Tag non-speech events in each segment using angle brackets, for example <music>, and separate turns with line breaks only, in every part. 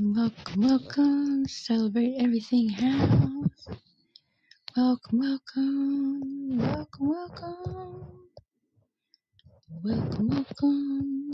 Welcome, welcome. Celebrate everything house. Welcome, welcome. Welcome, welcome. Welcome, welcome.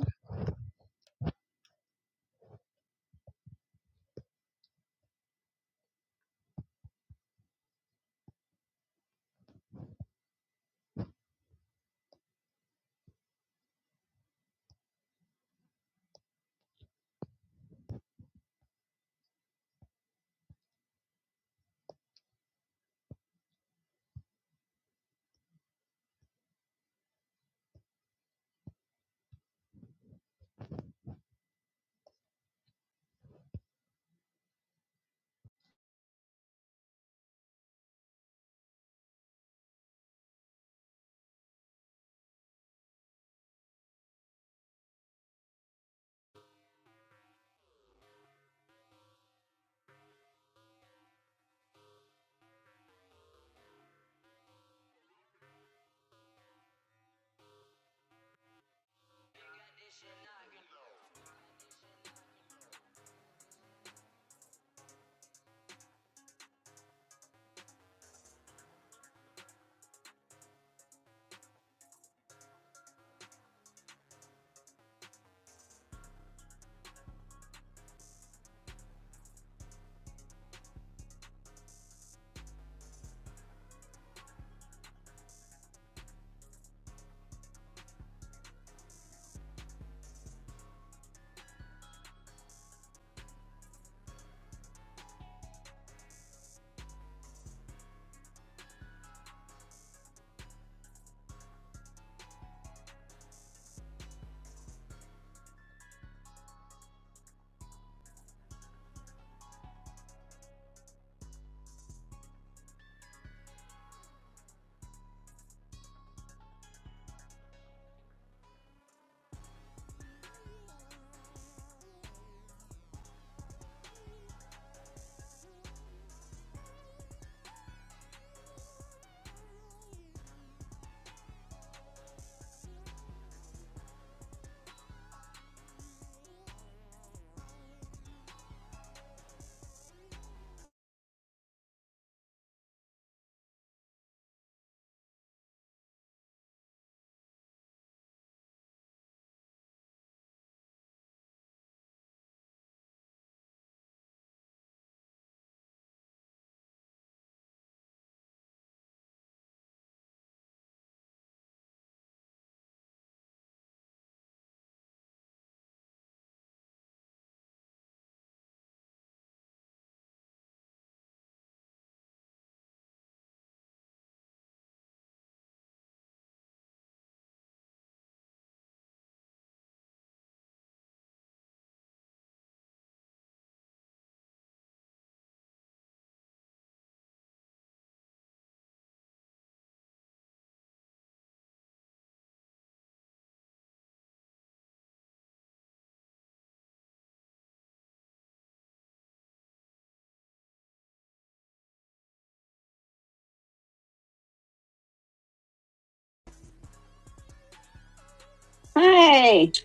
Hey. <laughs>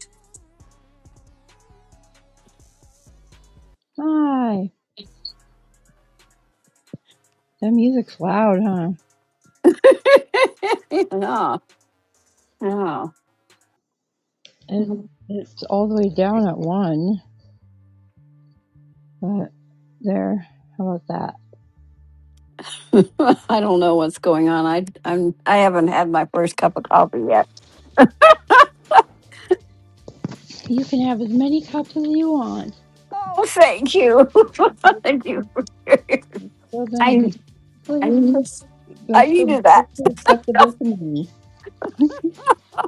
Hi. That music's loud, huh?
No, no.
It,
<laughs>
it's all the way down at one, but there. How about that?
I don't know what's going on. I I'm I haven't had my first cup of coffee yet.
You can have as many cups as you want.
Oh, thank you. <laughs> Thank you.
Still gonna
I
be
I
perfectly
need-
perfect. They'll
I
still be
needed that.
perfectly acceptable to me. <laughs> is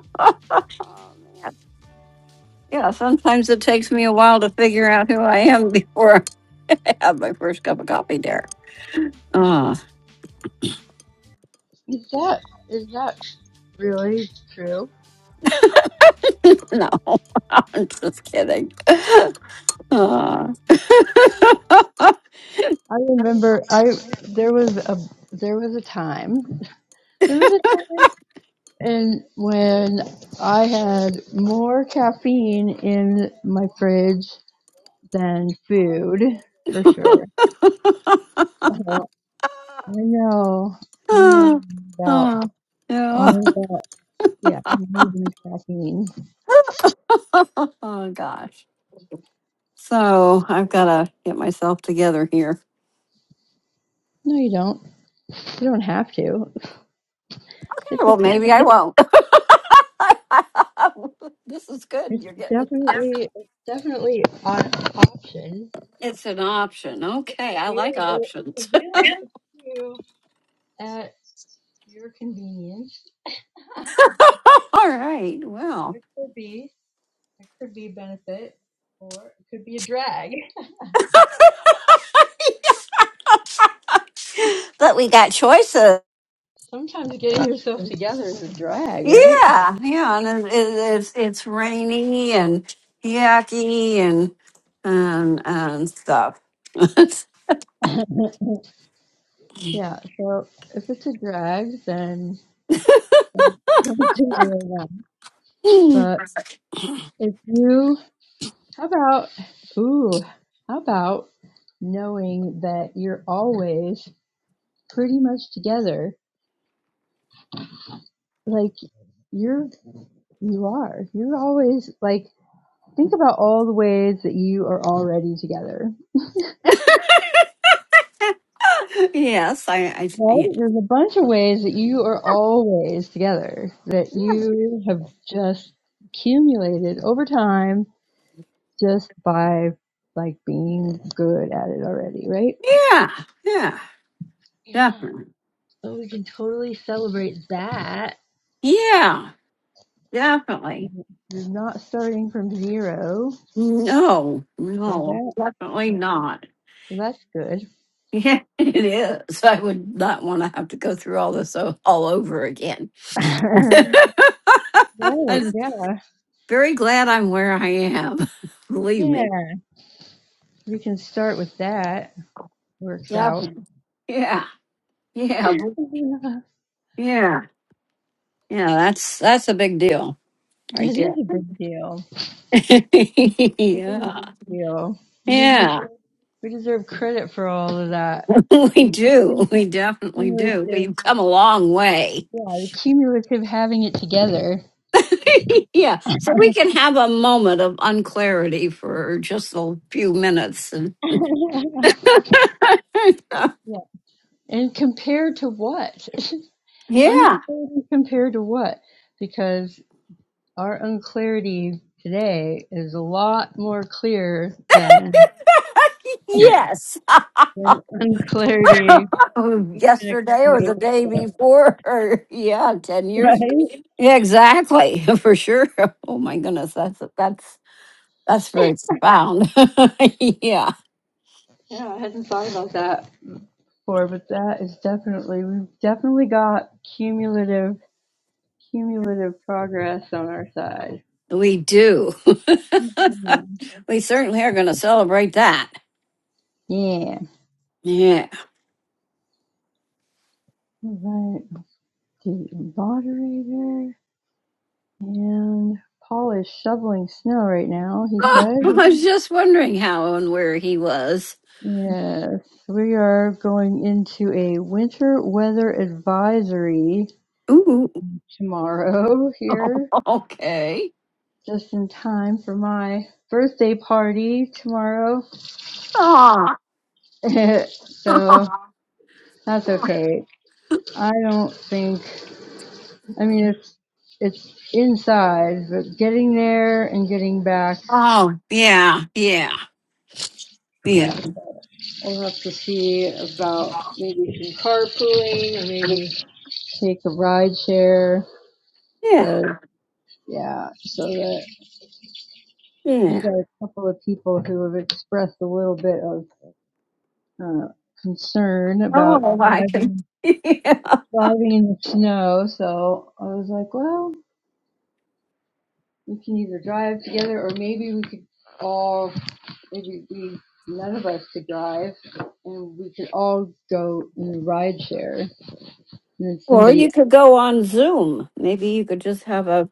<laughs> oh man. Yeah, sometimes it takes me a while to figure out who I am <laughs> before I have my first cup of coffee there. Uh,
that is that really true?
<laughs> no, <laughs> I'm just kidding. <laughs> Uh.
I remember I
<laughs>
there was a there was a time <laughs> there was a time and when I had more caffeine in my fridge than food for sure.
<laughs>
Oh, I know, I know
oh,
about
oh, yeah.
all about yeah needing caffeine.
<laughs> oh gosh. So I've got to get myself together here.
No, you don't. You don't have to. It's
Yeah,
a,
Well, maybe I won't. <laughs> this is good.
it's
You're getting
definitely it's definitely an option
it's an option. Okay, I like
available
options.
available to. at your convenience.
<laughs> All right. Well,
There could be there could be benefit or it could be a drag.
<laughs> but we got choices.
Sometimes getting yourself together is a drag, right?
Yeah, yeah, and it, it, it's it's rainy and yucky and and and stuff. <laughs>
<laughs> yeah, so if it's a drag, then don't do it right now.
Hmm.
But if you, how about, ooh, how about knowing that you're always pretty much together? Like you're, you are, you're always like Think about all the ways that you are already together.
<laughs> yes, I, I,
Right?
I-
There's a bunch of ways that you are always together, that you have just accumulated over time just by like being good at it already, right?
yeah, yeah,
Yeah.
definitely.
So we can totally celebrate that.
Yeah, definitely.
You're not starting from zero.
No,
So
no,
that,
definitely
that
not.
that's good.
Yeah, <laughs> it is. I would not want to have to go through all this o- all over again.
<laughs>
<laughs>
right.
I'm
Yeah.
very glad I'm where I am. <laughs> Believe me.
Yeah. We can start with that. Works out.
Definitely. Yeah, yeah, bel-
<laughs>
yeah, yeah. That's that's a big deal right
It is
there.
a big deal.
<laughs>
It is a
yeah,
big deal. We just
yeah.
we deserve credit for all of that.
<laughs> We do.
Cumulative,
We definitely do. We've
yeah,
come a long way.
the cumulative having it together.
<laughs> yeah. So we can have a moment of unclarity for just a few minutes. And
<laughs> yeah,
<laughs>
and compared to what?
yeah.
Unclarity compared to what? Because our unclarity today is a lot more clear than
<laughs> Yes.
than unclarity
<laughs>
in a
Yesterday
couple
or the day before. <laughs> Or, yeah. 10 years. Yeah, exactly. <laughs> For sure. Oh my goodness. That's, that's, that's
years.
very
<laughs>
profound. <laughs> yeah.
Yeah, I hadn't thought about that. for, but that is definitely we've definitely got cumulative cumulative progress on our side.
We do. <laughs>
Mhm.
we certainly are going to celebrate that.
Yeah.
Yeah.
All right. The moderator and Paul is shoveling snow right now. He
<laughs> Ah, I
said,
was just wondering how and where he was.
"Yes, we are going into a winter weather advisory
Ooh,
tomorrow <laughs> here,
okay. <laughs>
just in time for my birthday party tomorrow."
Oh,
<laughs> so that's okay. I don't think. I mean, it's it's inside, but getting there and getting back.
oh, yeah, yeah, yeah,
Yeah, we'll have to see about maybe some carpooling or maybe take a ride share.
yeah,
Cause yeah, so that
yeah.
you've got a couple of people who have expressed a little bit of uh, concern about
Oh, I can.
driving
<laughs> Yeah.
driving in the snow. So I was like, well, we can either drive together or maybe we could all it'd be none of us to drive, and we could all go in the ride share. And then
Or
somebody
you
else.
could go on Zoom. Maybe you could just have a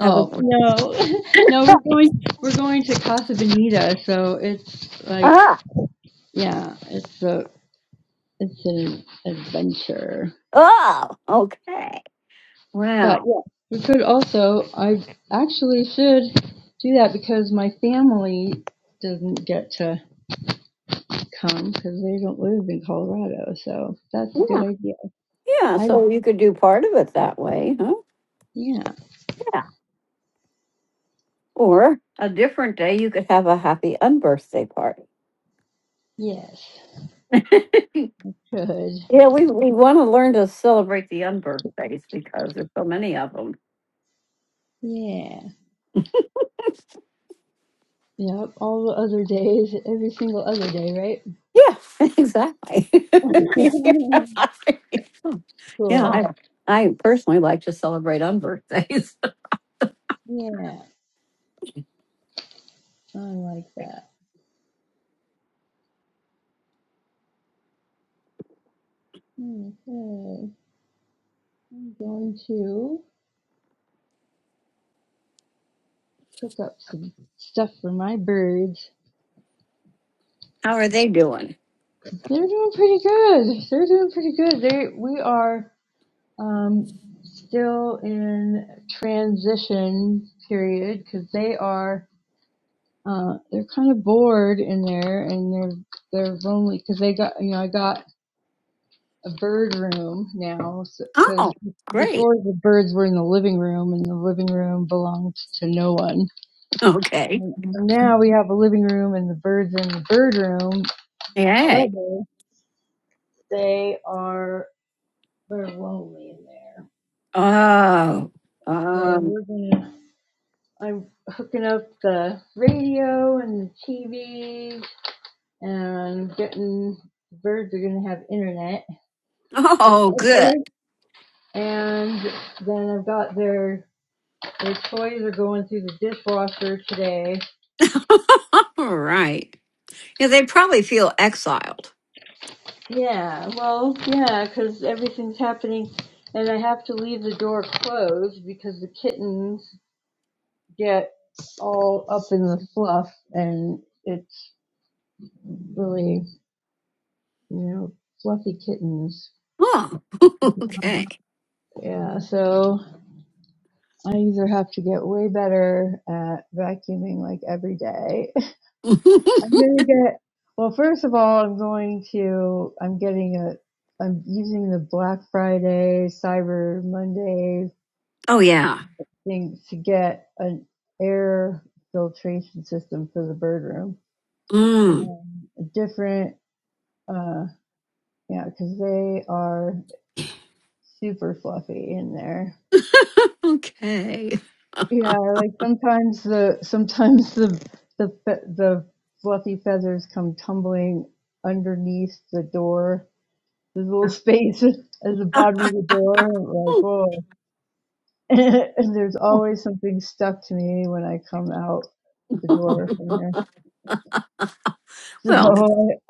have a.
no, <laughs> no, we're going. We're going to Casa Bonita, so it's like
Ah,
yeah, it's a it's an adventure.
oh, okay.
But
Wow.
yeah, we could also. I actually should do that because my family doesn't get to come because they don't live in Colorado. So that's a good
Yeah,
idea.
yeah.
I
So you could do part of it that way, huh?
yeah
Yeah. Or a different day, you could have a happy unbirthday party.
yes.
<laughs>
Good.
Yeah, we, we want to learn to celebrate the unbirthdays because there's so many of them.
Yeah. Yep. All the other days, every single other day,
Yeah, <laughs> exactly. <laughs>
right? <laughs>
yeah,
Cool.
I, I personally like to celebrate unbirthdays.
Yeah. I like that. Okay. I'm going to cook up some stuff for my birds.
<laughs> How are they doing?
They're doing pretty good. They're doing pretty good. They we are um still in transition period because they are uh they're kind of bored in there and they're they're lonely because they got you know I got a bird room now
Oh,
because so,
great.
before the birds were in the living room and the living room belonged to no one.
Okay.
And now we have a living room and the birds in the bird room.
Yay.
However, they are they're lonely in there.
Oh,
So
um,
we're gonna I'm hooking up the radio and the TV and getting the birds are gonna have internet.
oh,
<laughs>
good.
And then I've got their The toys are going through the dishwasher today.
<laughs> All right. Yeah, they probably feel exiled.
Yeah, well, yeah, 'cause everything's happening, and I have to leave the door closed because the kittens get all up in the fluff, and it's really, you know, fluffy kittens.
Oh, <laughs> okay.
Yeah, so I either have to get way better at vacuuming like every day
<laughs> oh,
I'm gonna get. Well, first of all, I'm going to. I'm getting a. I'm using the Black Friday, Cyber Monday
yeah.
thing to get an air filtration system for the bird room
Mm,
and a different. Uh, yeah, because they are super fluffy in there.
<laughs> okay.
Yeah, like sometimes the sometimes the the fe- the fluffy feathers come tumbling underneath the door There's a little space <laughs> at the bottom of the door. I'm Like, whoa. <laughs> And there's always something stuck to me when I come out the door from there. <laughs> So
Well,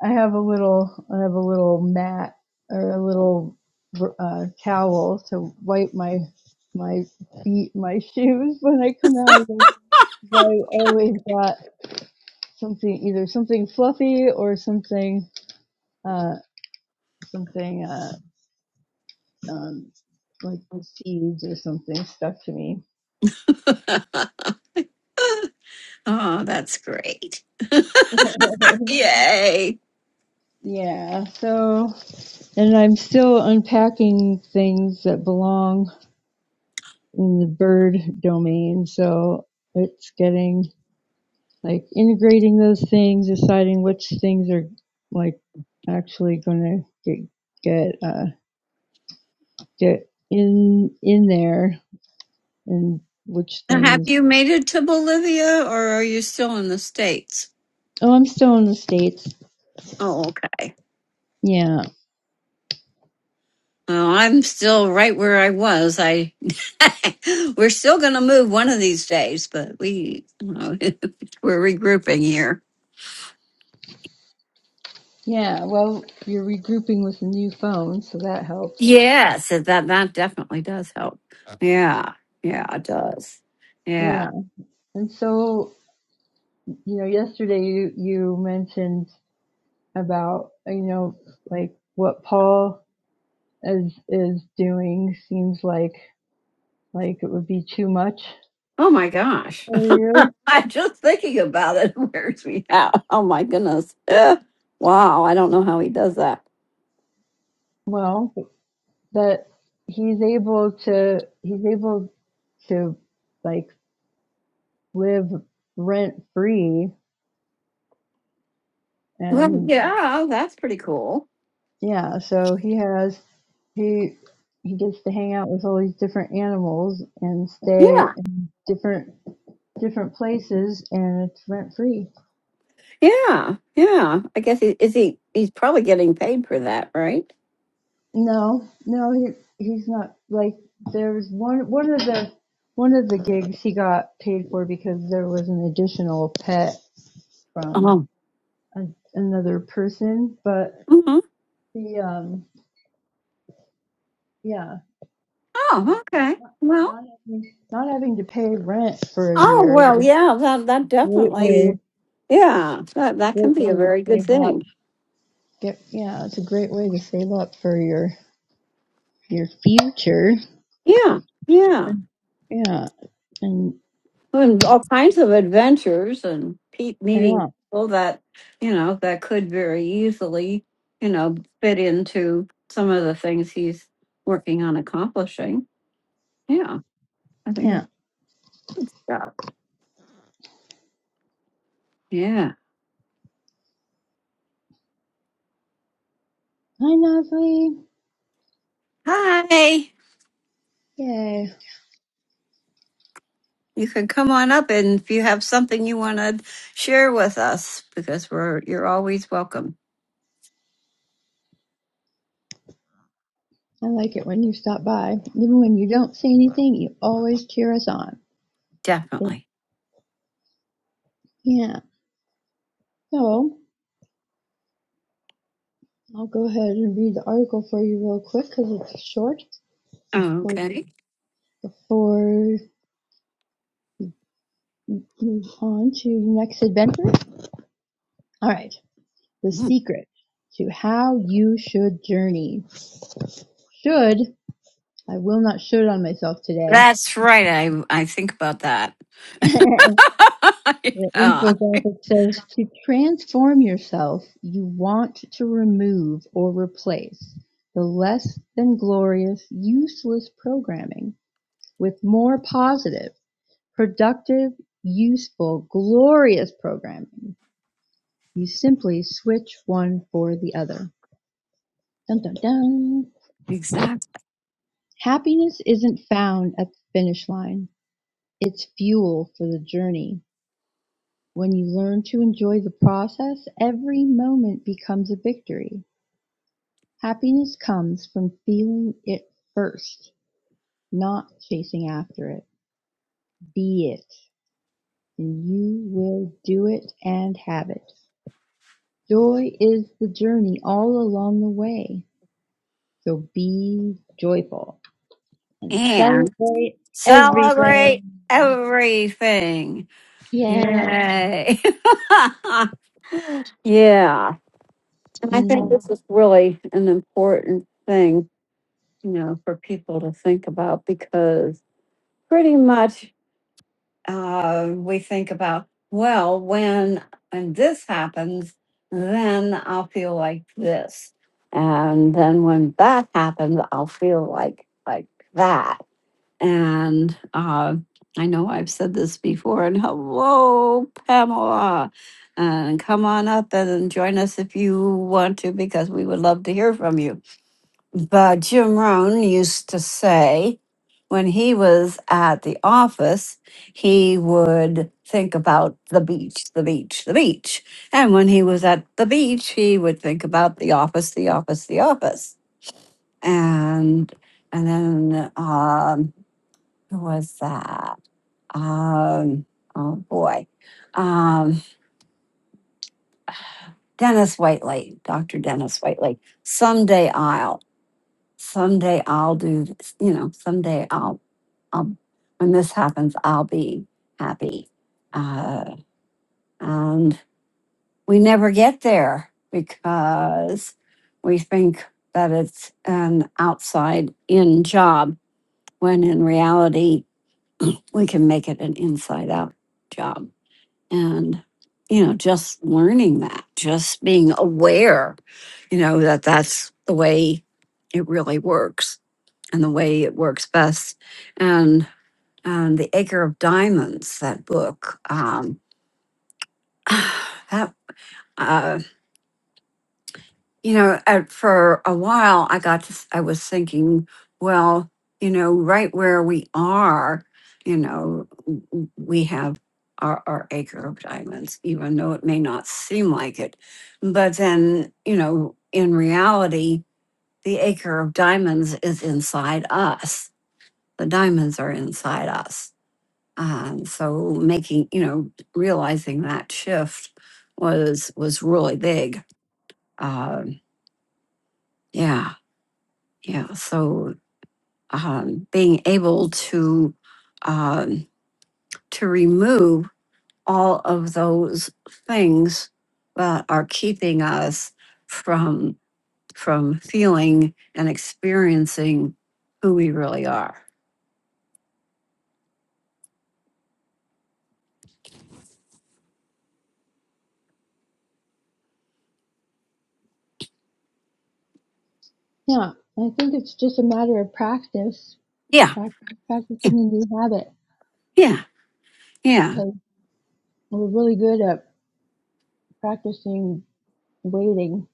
I, I have a little, I have a little mat or a little uh, towel to wipe my my feet, my <laughs> shoes when I come out. 'Cause I always got something, either something fluffy or something, uh, something uh, um, like seeds or something stuck to me
oh, that's great.
<laughs>
Yay.
yeah. So, and I'm still unpacking things that belong in the bird domain. So it's getting like integrating those things, deciding which things are like actually going to get get uh, get in in there, and which
Now, have
things.
you made it to Bolivia or are you still in the States?
Oh, I'm still in the states.
Oh, okay.
Yeah.
Well, I'm still right where I was. I <laughs> we're still going to move one of these days, but we you know, <laughs> we're regrouping here.
Yeah. Well, you're regrouping with a new phone, so that helps.
Yes, that that definitely does help. Yeah, yeah, it does. Yeah.
Yeah. And so you know, yesterday you, you mentioned about, you know, like what Paul is, is doing seems like, like it would be too much
Oh my gosh.
for
<laughs>
you.
I'm just thinking about it. <laughs> wears me out. Oh my goodness. Eh, wow. I don't know how he does that.
Well, that he's able to, he's able to like live rent free
Well,
and
yeah, that's pretty cool.
Yeah, so he has he he gets to hang out with all these different animals and stay
Yeah.
in different different places and it's rent free.
Yeah. Yeah. I guess he is he he's probably getting paid for that, right?
No, no, he he's not like there was one one of the one of the gigs he got paid for because there was an additional pet from
Oh.
a, another person, but
hmm
the um yeah,
Oh,
like
okay.
not
Well.
not having, not having to pay rent for a
Oh
year is
well,
a
yeah, that that
great way
definitely yeah. That that
great
can be a
way to
very good
save up.
thing.
Get, yeah, it's a great way to save up for your your future.
Yeah. Yeah.
And, yeah, and
and all kinds of adventures and pe- meeting
yeah,
people that you know that could very easily you know fit into some of the things he's working on accomplishing yeah i think that's
yeah.
good stuff yeah
Hi, Nosley.
hi
Yay!
you can come on up and if you have something you want to share with us because we're you're always welcome
I like it when you stop by. Even when you don't say anything, you always cheer us on.
definitely
Yeah. So I'll go ahead and read the article for you real quick because it's short. Before
okay
before move on to your next adventure. All right. The secret to how you should journey. Should I will not shoot on myself today.
that's right i i think about that
<laughs> the
<laughs> yeah
infographic says to transform yourself, you want to remove or replace the less than glorious, useless programming with more positive, productive, useful, glorious programming. You simply switch one for the other. Dun, dun, dun.
exactly
Happiness isn't found at the finish line, it's fuel for the journey. When you learn to enjoy the process, every moment becomes a victory. Happiness comes from feeling it first, not chasing after it. Be it, and you will do it and have it. Joy is the journey all along the way. So be joyful and celebrate every day.
Celebrate everything.
Yeah.
Yay. <laughs> yeah. And I think
Mm.
this is really an important thing, you know, for people to think about because pretty much uh, we think about, well, when when this happens, then I'll feel like this. And then when that happens, I'll feel like like that And uh, I know I've said this before, and <laughs> hello, Pamela. And come on up and join us if you want to, because we would love to hear from you. But Jim Rohn used to say when he was at the office, he would think about the beach, the beach, the beach. And when he was at the beach, he would think about the office, the office, the office. And and then um who was that? Um, oh boy. Um, Dennis Whiteley, Dr. Dennis Whiteley. Someday I'll, someday I'll do this, you know, someday I'll, I'll, when this happens, I'll be happy. Uh, and we never get there because we think that it's an outside in job when in reality we can make it an inside out job and you know just learning that just being aware you know that that's the way it really works and the way it works best and and the acre of diamonds that book um <sighs> that uh, you know, at, for a while, I got to, s- I was thinking, well, you know, right where we are, you know, w- w- we have our, our acre of diamonds, even though it may not seem like it. But then, you know, in reality, the acre of diamonds is inside us. The diamonds are inside us. Um, so making, you know, realizing that shift was was really big. Um, yeah. Yeah, so um, being able to um, to remove all of those things that are keeping us from from feeling and experiencing who we really are.
Yeah. I think it's just a matter of practice,
Yeah,
prac- practicing a new habit.
yeah, yeah,
because. We're really good at practicing waiting.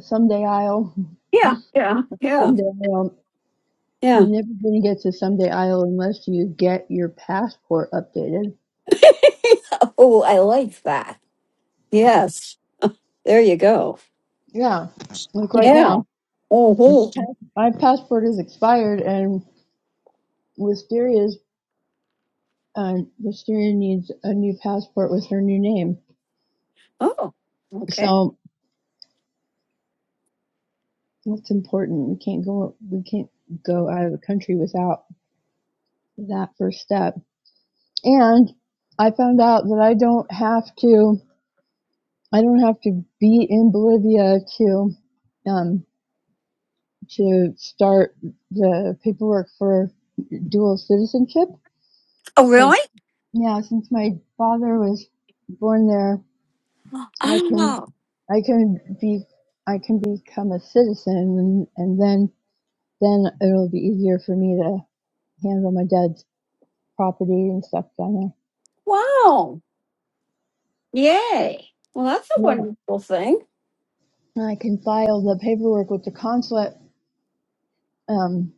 Someday I'll,
yeah, yeah, yeah,
someday I'll.
yeah.
You're never going to get to someday I'll unless you get your passport updated.
Oh, I like that. Yes, there you go.
Yeah, like right
Yeah.
now,
Oh,
my passport is expired, and Wisteria's uh, Wisteria needs a new passport with her new name.
oh, okay.
So that's important. We can't go. We can't go out of the country without that first step. And I found out that I don't have to. I don't have to be in Bolivia to um, to start the paperwork for dual citizenship.
Oh,
Cause
really?
yeah, since my father was born there, I can
Oh,
I can be I can become a citizen, and, and then then it'll be easier for me to handle my dad's property and stuff down
wow. Yay. Well, that's a
there. Yeah,
wonderful thing.
and I can file the paperwork with the consulate, um,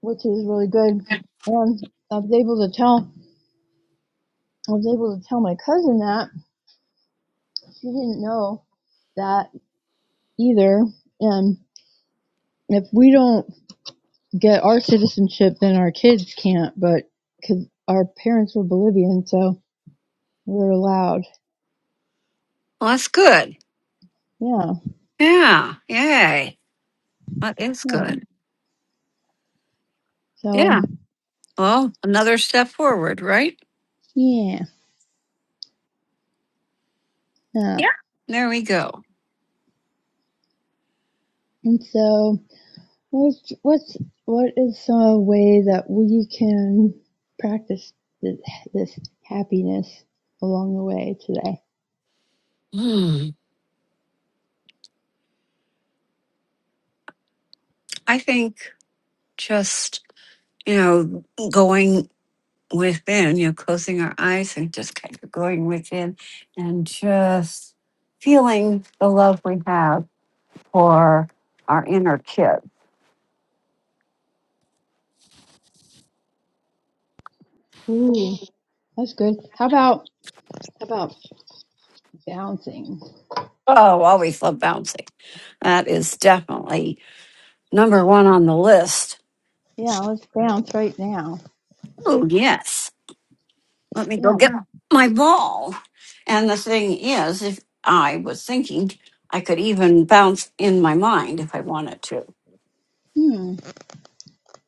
which is really good. Um, I was able to tell I was able to tell my cousin that. She didn't know that either. And if we don't get our citizenship, then our kids can't, but because our parents were Bolivian, so we're allowed.
Well, that's good.
Yeah,
Yeah. Yay. That is
yeah.
good.
So,
Yeah. Well, another step forward, right?
yeah, yeah.
Yeah. There we go.
And so, what's, what's, what is a way that we can practice this, this happiness along the way today?
Hmm. I think just, you know, going within, you know, closing our eyes and just kind of going within and just feeling the love we have for our inner kid.
Ooh,
Oh,
that's good. How about, how about bouncing?
always love bouncing. That is definitely number one on the list.
Yeah, let's bounce right now.
Oh, yes. Let me go
Yeah.
get my ball. And the thing is, if I was thinking, I could even bounce in my mind if I wanted to.
Hmm.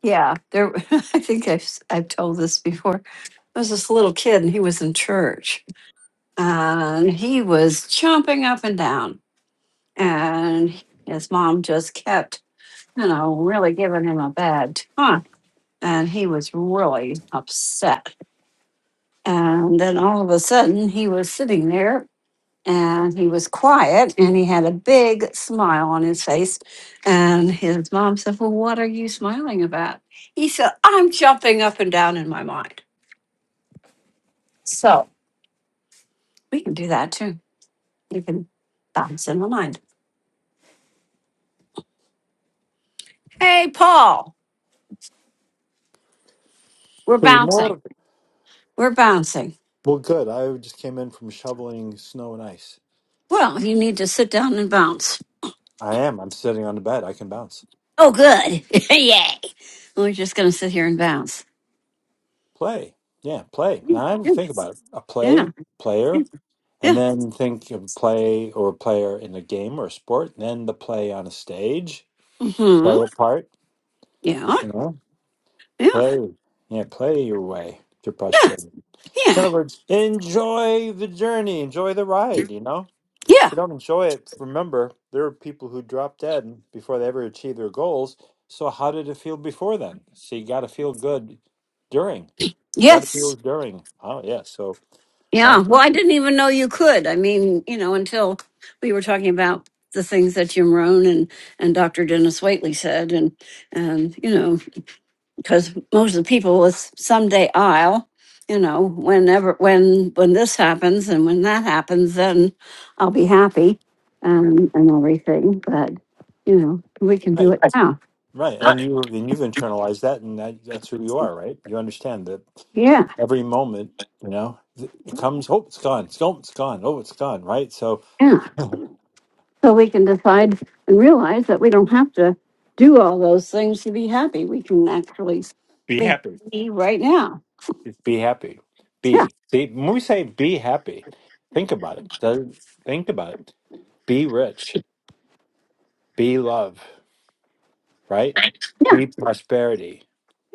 Yeah, there. <laughs> I think I've i I've told this before. There was this little kid, and he was in church, and he was chomping up and down, and his mom just kept, you know, really giving him a bad time, and he was really upset And then all of a sudden, he was sitting there and he was quiet and he had a big smile on his face. And his mom said, Well, what are you smiling about? He said, I'm jumping up and down in my mind. So we can do that too. We can bounce in the mind. Hey, Paul, we're bouncing.
Goeiemorgen.
We're bouncing.
Well, good. I just came in from shoveling snow and ice.
Well, you need to sit down and bounce.
I am. I'm sitting on the bed. I can bounce.
Oh, good. <laughs> Yay. We're just going to sit here and bounce.
Play. Yeah, play. Now I have to think
Yes.
about it. A
Yeah.
play, player, and
Yeah.
then think of play or a player in a game or a sport, and then the play on a stage.
Mm-hmm.
Play a part,
Yeah.
you know?
Yeah,
Play. Yeah, play your way to
yeah,
prosperity. In
yeah,
other words, enjoy the journey, enjoy the ride, you know?
yeah,
If you don't enjoy it, remember there are people who drop dead before they ever achieve their goals. So how did it feel before then? So you got to feel good during. You got to feel
yes,
it during. Oh yeah. So
yeah.
bounce it.
Well, I didn't even know you could. I mean, you know, until we were talking about the things that Jim Rohn and and Dr. Dennis Waitley said, and and you know, because most of the people with someday I'll, you know, whenever when when this happens and when that happens, then I'll be happy, um, and everything. But you know, we can do
Right.
it now.
Right. And you and you've internalized that, and that, that's who you are. Right. You understand that
Yeah,
every moment. You know, th- it comes. Oh, it's gone. It's gone. It's gone. Oh, it's gone. Right. So
yeah.
<laughs>
So we can decide and realize that we don't have to do all those things to be happy. We can actually
be
be
happy.
happy right now.
Just Be happy.
Yeah.
Be. See, when we say be happy, think about it. Does- Think about it Be rich, be love, right?
Right. Yeah.
Be prosperity,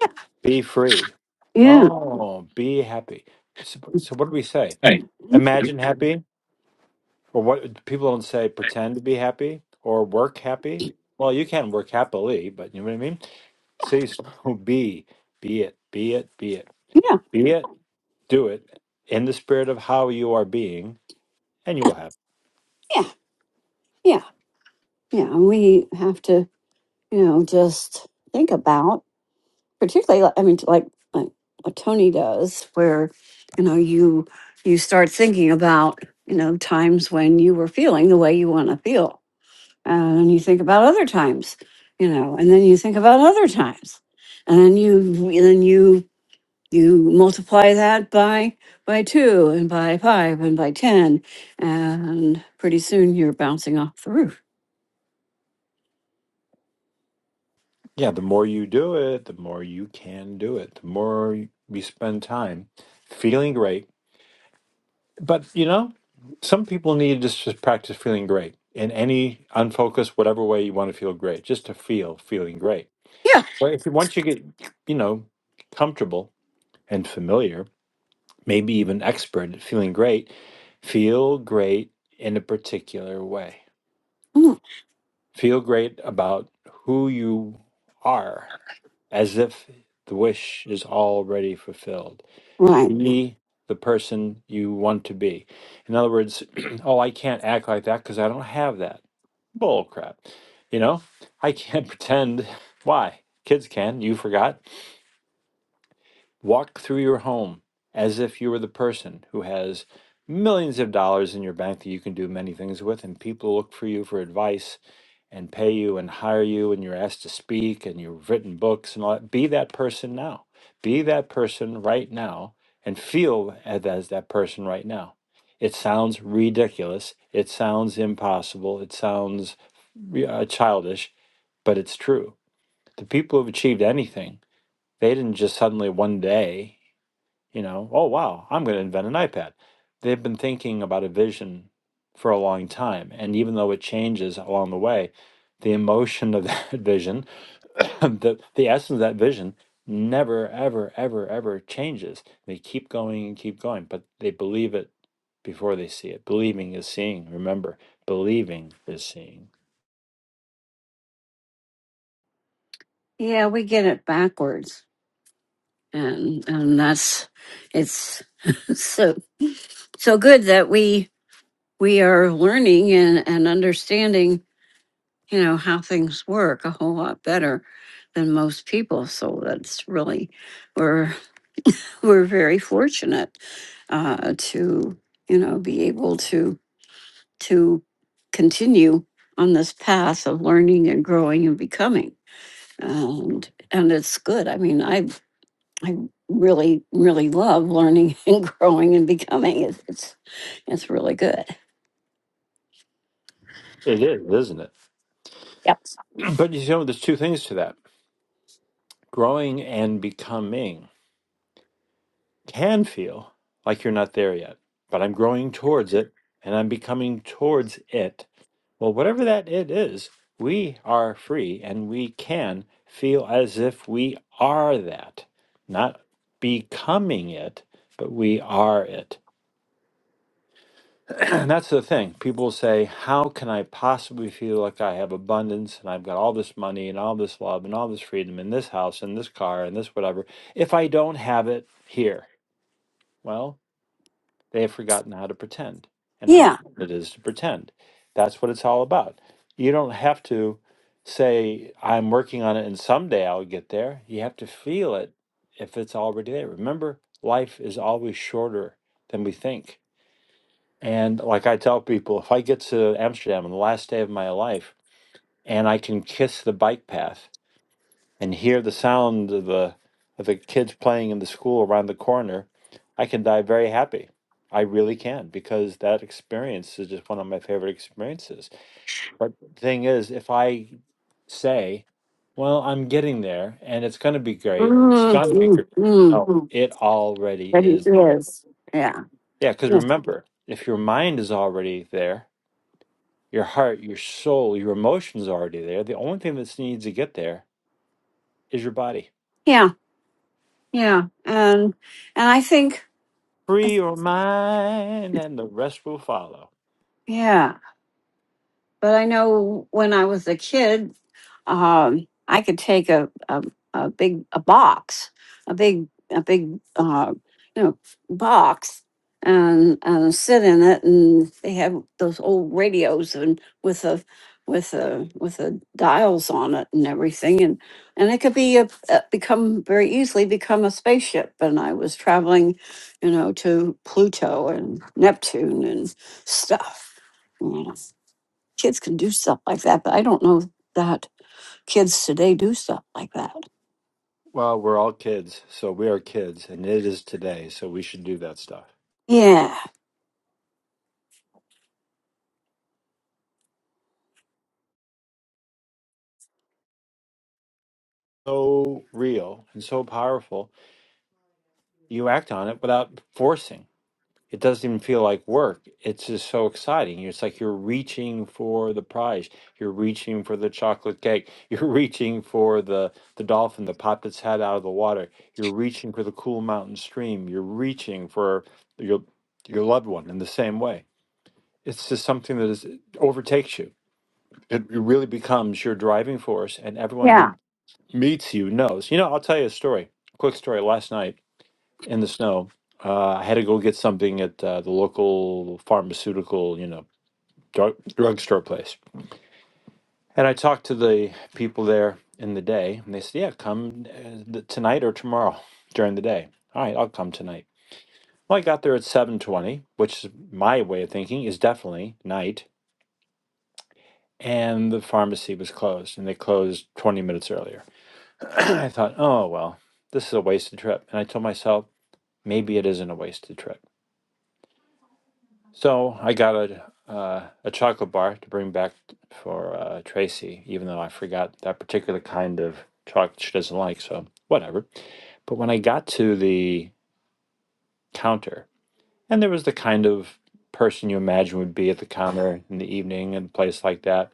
Yeah.
be free.
Yeah.
Oh, be happy. So, so what do we say?
Right.
Imagine happy, or what people don't say pretend to be happy or work happy. Well, you can work happily, but you know what I mean? See, so <laughs> be, be it, be it, be it,
Yeah.
be it, do it in the spirit of how you are being, and you will have.
Yeah. Yeah. Yeah. And we have to, you know, just think about, particularly, like- I mean, like, like what Tony does, where, you know, you, you start thinking about, you know, times when you were feeling the way you want to feel and you think about other times you know and then you think about other times and then you and then you you multiply that by by two and by five and by ten and pretty soon you're bouncing off the roof
Yeah, the more you do it, the more you can do it. The more you spend time feeling great but you know, some people need just to practice feeling great in any unfocused, whatever way you want to feel great, just to feel feeling great.
yeah
Well, if you, once you get, you know, comfortable and familiar, maybe even expert at feeling great, feel great in a particular way.
Mm,
Feel great about who you are, as if the wish is already fulfilled
right
Be the person you want to be. In other words, <clears throat> oh, I can't act like that because I don't have that. Bull crap. You know, I can't <laughs> pretend. Why? Kids can. You forgot. Walk through your home as if you were the person who has millions of dollars in your bank that you can do many things with, and people look for you for advice and pay you and hire you, and you're asked to speak and you've written books and all that. Be that person now. Be that person right now and feel as as that person right now. It sounds ridiculous. It sounds impossible. It sounds uh, childish, but it's true. The people who've achieved anything, they didn't just suddenly one day you know oh wow i'm going to invent an ipad they've been thinking about a vision for a long time and even though it changes along the way the emotion of that <laughs> vision <coughs> the, the essence of that vision never ever ever ever changes they keep going and keep going but they believe it before they see it believing is seeing remember believing is seeing
Yeah, we get it backwards, and and that's it's <laughs> so so good that we we are learning and and understanding, you know, how things work a whole lot better than most people. So that's really we're <laughs> we're very fortunate uh, to you know be able to to continue on this path of learning and growing and becoming and and it's good i mean i I really, really love learning <laughs> and growing and becoming. It's it's, it's really good.
it is isn't it
Yep.
<clears throat> but you know there's two things to that growing and becoming can feel like you're not there yet, but I'm growing towards it and I'm becoming towards it. Well, whatever that it is, we are free and we can feel as if we are that, not becoming it, but we are it. <clears throat> and that's the thing. People say, How can I possibly feel like I have abundance and I've got all this money and all this love and all this freedom and this house and this car and this whatever if I don't have it here? Well, They have forgotten how to pretend and how
Yeah.
fun it is to pretend. That's what it's all about. You don't have to say, I'm working on it and someday I'll get there. You have to feel it if it's already there. Remember, life is always shorter than we think. And like I tell people, if I get to Amsterdam on the last day of my life and I can kiss the bike path, and hear the sound of the of the kids playing in the school around the corner, I can die very happy. I really can because that experience is just one of my favorite experiences. But the thing is, if I say, "Well, I'm getting there, and it's going to be great," it's
mm
going to be
mm
great.
mm.
No, it already
But it
is great.
is. Yeah.
Yeah, because
Yeah.
remember, if your mind is already there, your heart, your soul, your emotions are already there. The only thing that needs to get there is your body
Yeah. Yeah. And and I think uh,
Free your mind, and the rest will follow.
yeah. But I know when I was a kid, um, I could take a, a a big a box, a big a big uh, you know box, and and sit in it, and they have those old radios and with a with a with the dials on it and everything, and and it could be a, a become very easily become a spaceship. And I was traveling, you know, to Pluto and Neptune and stuff kids can do stuff like that, but I don't know that kids today do stuff like that.
Well, we're all kids, so we are kids, and it is today, so we should do that stuff.
Yeah.
So real and so powerful, you act on it without forcing. It doesn't even feel like work. It's just so exciting. It's like you're reaching for the prize. You're reaching for the chocolate cake. You're <laughs> reaching for the, the dolphin that popped its head out of the water. You're reaching for the cool mountain stream. You're reaching for your your loved one in the same way it's just something that is overtakes you. It really becomes your driving force, and everyone
Yeah.
who meets you knows. You know, I'll tell you a story. Quick story. Last night in the snow, uh, I had to go get something at uh, the local pharmaceutical, you know, drug drugstore place, and I talked to the people there in the day, and they said, "Yeah, come uh, th- tonight or tomorrow during the day." All right, I'll come tonight. Well, I got there at seven twenty, which is my way of thinking is definitely night and the pharmacy was closed and they closed 20 minutes earlier. <clears throat> I thought, oh, well, this is a wasted trip. And I told myself, maybe it isn't a wasted trip. So I got a, uh, a chocolate bar to bring back for uh, Tracy, even though I forgot that particular kind of chocolate she doesn't like. So whatever. But when I got to the counter, and there was the kind of person you imagine would be at the counter in the evening and place like that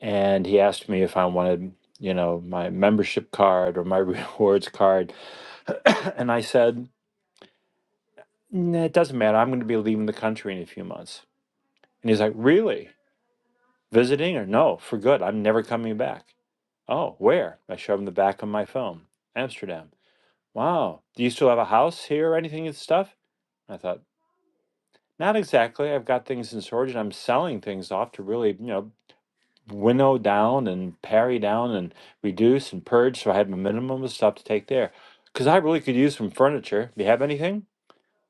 and he asked me if I wanted, you know, my membership card or my <laughs> rewards card. <coughs> and I said, nah, it doesn't matter. I'm going to be leaving the country in a few months. And he's like, really? Visiting or no, for good. I'm never coming back. Oh, where? I showed him the back of my phone. Amsterdam. Wow. Do you still have a house here or anything and stuff? I thought, not exactly. I've got things in storage and I'm selling things off to really, you know, winnow down and parry down and reduce and purge. So I had my minimum of stuff to take there. Because I really could use some furniture. Do you have anything?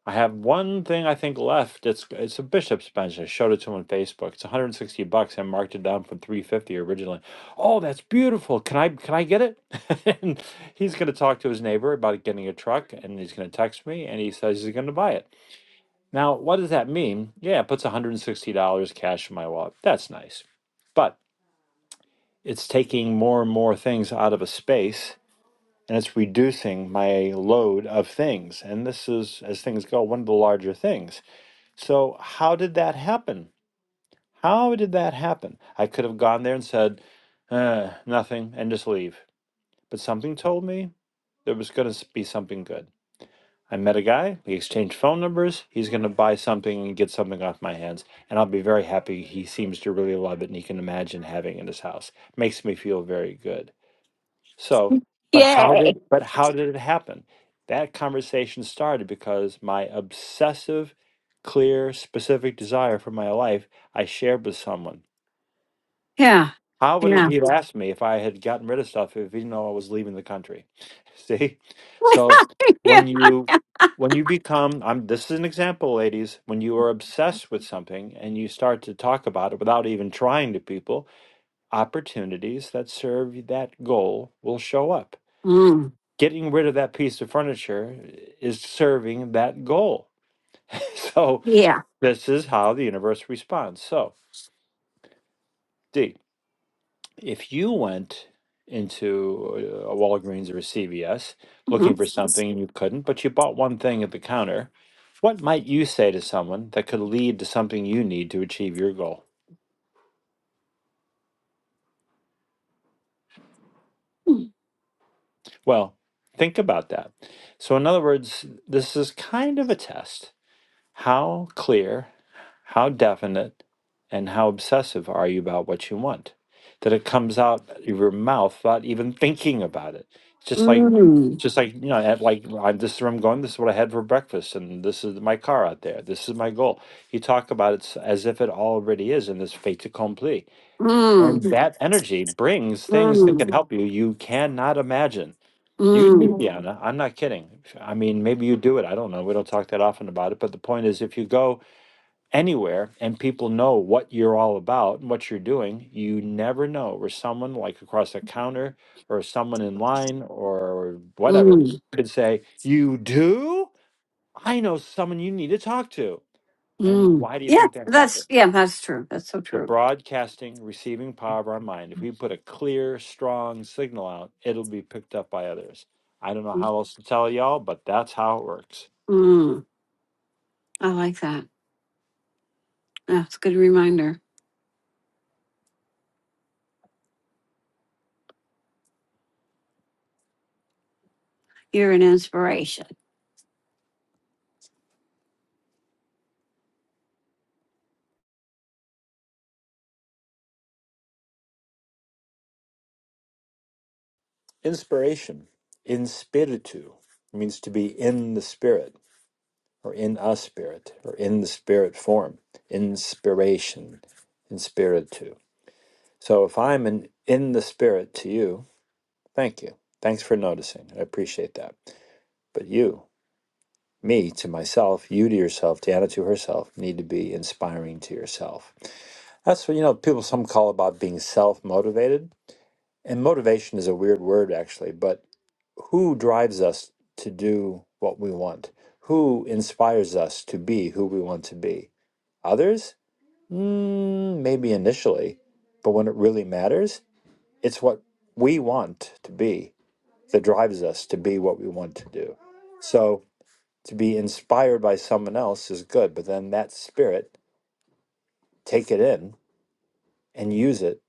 I have one thing I think left. It's it's a bishop's bench. I showed it to him on Facebook. It's 160 bucks. I marked it down from 350 originally. Oh, that's beautiful. Can I can I get it? <laughs> and he's gonna talk to his neighbor about getting a truck, and he's gonna text me, and he says he's gonna buy it. Now, what does that mean? Yeah, it puts 160 dollars cash in my wallet. That's nice. But it's taking more and more things out of a space and it's reducing my load of things. And this is, as things go, one of the larger things. So, how did that happen? How did that happen? I could have gone there and said, uh, nothing, and just leave. But something told me there was going to be something good. I met a guy, we exchanged phone numbers. He's going to buy something and get something off my hands. And I'll be very happy. He seems to really love it and he can imagine having it in his house. Makes me feel very good. So, but how
Yay.
did but how did it happen? That conversation started because my obsessive, clear, specific desire for my life I shared with someone.
Yeah.
How would if
Yeah.
he'd asked me if I had gotten rid of stuff if he didn't know I was leaving the country? <laughs> See?
<laughs>
So
yeah.
when you when you become I'm this is an example, ladies, when you are obsessed with something and you start to talk about it without even trying to people, opportunities that serve that goal will show up
Mm.
getting rid of that piece of furniture is serving that goal. <laughs> So
Yeah.
this is how the universe responds. So, D, if you went into a Walgreens or a CVS looking for
Mm-hmm.
something and you couldn't, but you bought one thing at the counter, what might you say to someone that could lead to something you need to achieve your goal? Well, think about that. So, in other words, this is kind of a test How clear, how definite, and how obsessive are you about what you want that it comes out of your mouth without even thinking about it? Just like,
Mm.
just like you know, at like I'm, this is where I'm going. This is what I had for breakfast, and this is my car out there. This is my goal. You talk about it s- as if it already is, and this fait accompli.
Mm.
That energy brings things that
Mm.
help you. You cannot imagine. You,
Mm.
Anna, I'm not kidding. I mean, maybe you do it. I don't know. We don't talk that often about it, but the point is, if you go anywhere and people know what you're all about and what you're doing, you never know where someone like across the counter or someone in line or whatever
Mm.
could say, You do? I know someone you need to talk to. And
Mm.
why do you
Yeah,
think that happened?
that's yeah, that's true. That's so
The
true.
broadcasting, receiving power of our mind. If we put a clear, strong signal out, it'll be picked up by others. I don't know how else to tell y'all, but that's how it works.
Mm. I like that. That's a good reminder. You're an inspiration.
Inspiration, in spiritu, means to be in the spirit or in a spirit or in the spirit form inspiration in spirit too so if i'm an in the spirit to you thank you thanks for noticing i appreciate that but you me to myself you to yourself Deanna to herself need to be inspiring to yourself that's what you know people some call about being self-motivated and motivation is a weird word actually but who drives us to do what we want who inspires us to be who we want to be Others? Mm, maybe initially. But when it really matters, it's what we want to be that drives us to be what we want to do. So to be inspired by someone else is good, but then that spirit, take it in and use it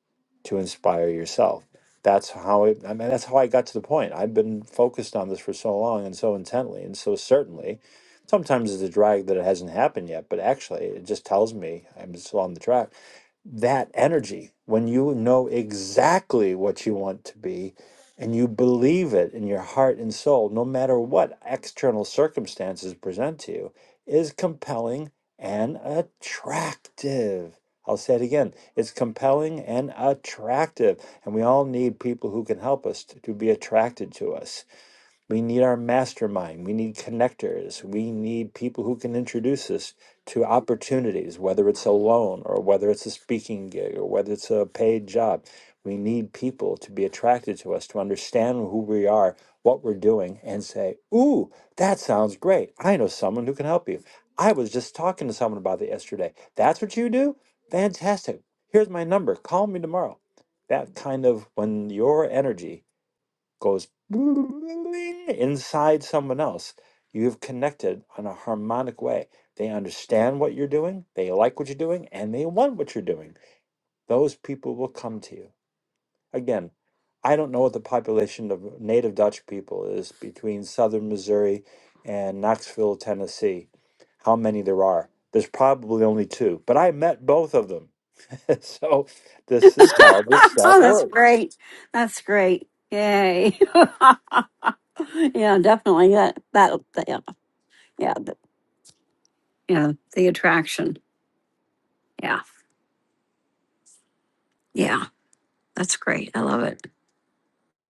to inspire yourself. That's how it, I mean, that's how I got to the point. I've been focused on this for so long and so intently and so certainly. Sometimes it's a drag that it hasn't happened yet, but actually, it just tells me I'm still on the track that energy when you know exactly what you want to be and you believe it in your heart and soul, no matter what external circumstances present to you, is compelling and attractive. I'll say it again. It's compelling and attractive. And we all need people who can help us to, to be attracted to us. We need our mastermind. We need connectors. We need people who can introduce us to opportunities, whether it's a loan or whether it's a speaking gig or whether it's a paid job. We need people to be attracted to us, to understand who we are, what we're doing, and say, Ooh, that sounds great. I know someone who can help you. I was just talking to someone about that yesterday. That's what you do? Fantastic. Here's my number. Call me tomorrow. That kind of when your energy goes inside someone else, you have connected on a harmonic way. They understand what you're doing, they like what you're doing, and they want what you're doing. Those people will come to you. Again, I don't know what the population of native Dutch people is between southern Missouri and Knoxville, Tennessee, how many there are. There's probably only two, but I met both of them. <laughs> so this is
<laughs> oh, that's great. That's great. Yay. <laughs> Yeah, definitely. That that that- yeah, yeah, the, yeah. The attraction. Yeah, yeah. That's great. I love it.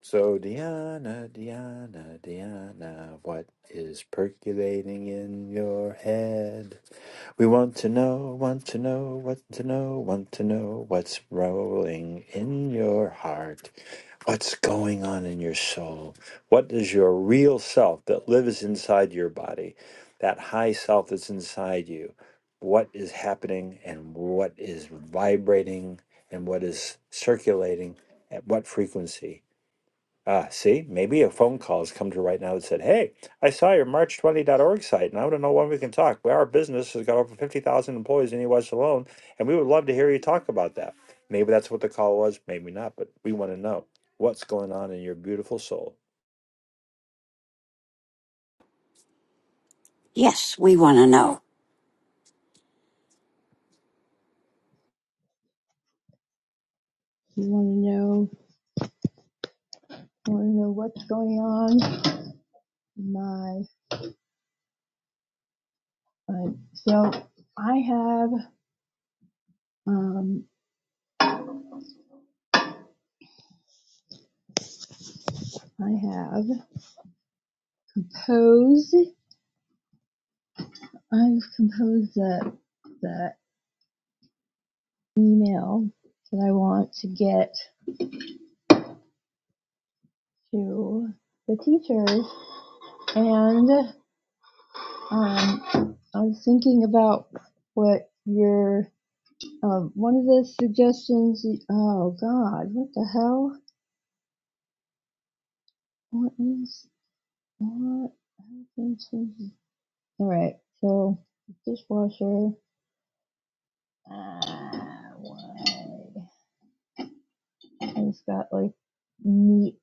So, Diana, Diana, Diana, what is percolating in your head? We want to know, want to know, want to know, want to know what's rolling in your heart. What's going on in your soul? What is your real self that lives inside your body? That high self that's inside you. What is happening and what is vibrating and what is circulating at what frequency? Ah, see, maybe a phone call has come to right now that said, Hey, I saw your march twenty dot org site and I want to know when we can talk. Well, our business has got over 50,000 employees in the US alone, and we would love to hear you talk about that. Maybe that's what the call was, maybe not, but we want to know what's going on in your beautiful soul.
Yes, we want to know.
You want to know? Want to know what's going on? My. Uh, so I have. Um. I have composed. I've composed the the email that I want to get to the teachers, and um, I was thinking about what your um, one of the suggestions. Oh God, what the hell? What is what All right, so dishwasher. Ah, why? I just got like meat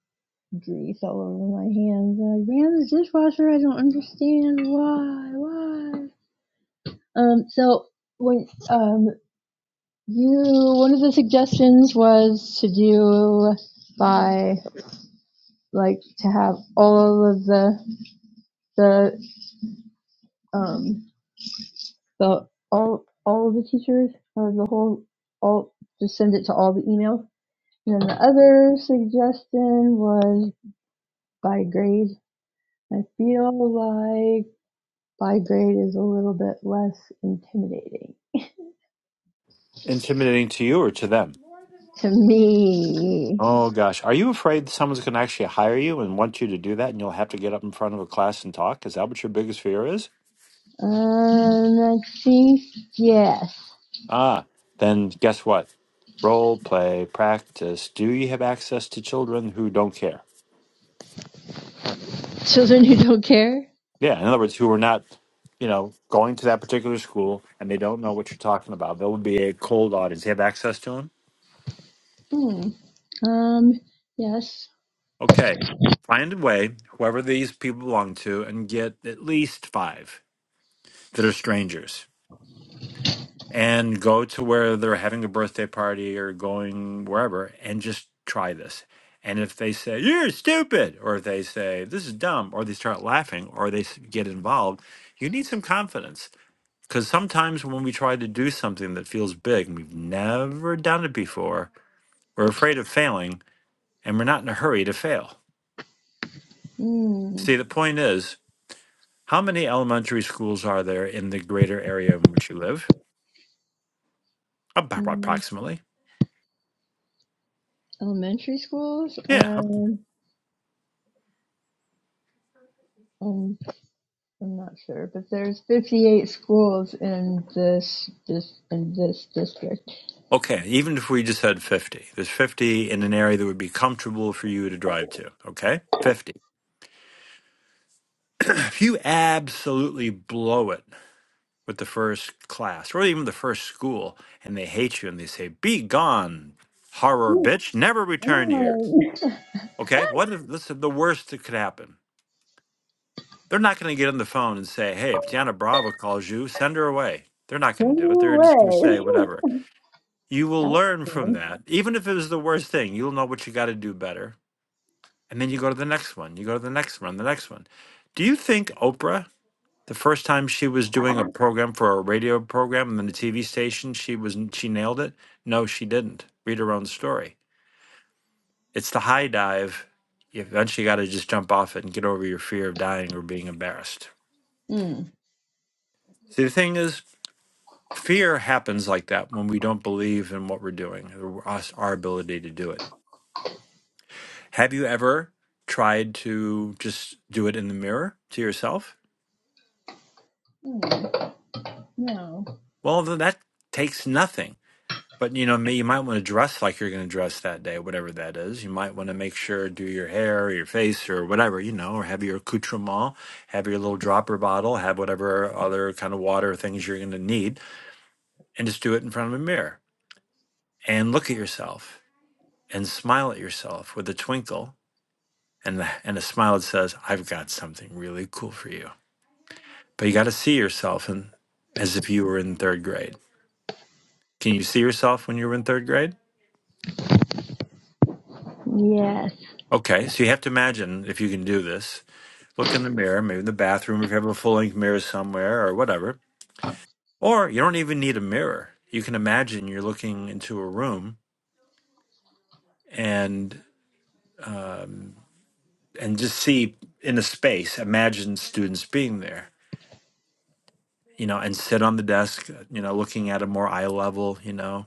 grease all over my hands. I ran the dishwasher. I don't understand why. Why? Um. So when um you one of the suggestions was to do by like to have all of the the um the all all of the teachers or the whole all just send it to all the emails. And then the other suggestion was by grade. I feel like by grade is a little bit less intimidating
Intimidating to you or to them?
to me.
Oh gosh, are you afraid someone's going to actually hire you and want you to do that, and you'll have to get up in front of a class and talk? Is that what your biggest fear is?
Um, I think yes.
Ah, then guess what? Role play practice. Do you have access to children who don't care?
Children who don't care.
Yeah, in other words, who are not, you know, going to that particular school and they don't know what you're talking about. There will be a cold audience. you have access to them?
Hmm. Um, yes.
Okay, find a way, whoever these people belong to, and get at least five that are strangers. and go to where they're having a birthday party or going wherever and just try this. And if they say, you're stupid, or if they say, this is dumb, or they start laughing, or they s- get involved, you need some confidence. Because sometimes when we try to do something that feels big and we've never done it before, we're afraid of failing and we're not in a hurry to fail.
Hmm.
See, the point is, how many elementary schools are there in the greater area in which you live? About
Mm.
approximately.
Elementary schools.
Yeah,
Um, um I'm not sure, but there's 58 schools in this this in this district.
Okay, even if we just had 50, there's 50 in an area that would be comfortable for you to drive to, okay? 50. <clears throat> If you absolutely blow it with the first class or even the first school and they hate you and they say, be gone, horror
Oh,
bitch, never return here,
oh, <laughs>
okay? What if this is the worst that could happen? They're not going to get on the phone and say, hey, if Deanna Bravo calls you, send her away. They're not going
send
to do it.
her
They're just going to say
away.
whatever. You
<laughs>
will
That's
learn from
good.
that. Even if it was the worst thing, you'll know what you got to do better And then you go to the next one, you go to the next one, the next one. Do you think Oprah, the first time she was doing a program for a radio program and then a TV station, she was she nailed it? No, she didn't. Read her own story. It's the high dive. You eventually got to just jump off it and get over your fear of dying or being embarrassed.
Mm.
See, the thing is, fear happens like that when we don't believe in what we're doing, or us, our ability to do it. Have you ever tried to just do it in the mirror to yourself?
Mm, no.
Well, th- that takes nothing. But you know, ma- you might want to dress like you're going to dress that day, whatever that is. You might want to make sure do your hair or your face or whatever, you know, or have your accoutrement, have your little dropper bottle, have whatever other kind of water things you're going to need, and just do it in front of a mirror and look at yourself and smile at yourself with a twinkle and the, and a smile that says, "I've got something really cool for you." But you got to see yourself and as if you were in third grade. Can you see yourself when you were in third grade?
Yes.
Okay, so you have to imagine if you can do this. Look in the mirror, maybe in the bathroom if you have a full length mirror somewhere or whatever. Or you don't even need a mirror. You can imagine you're looking into a room and um, and just see in a space. Imagine students being there, you know, and sit on the desk, you know, looking at a more eye level, you know,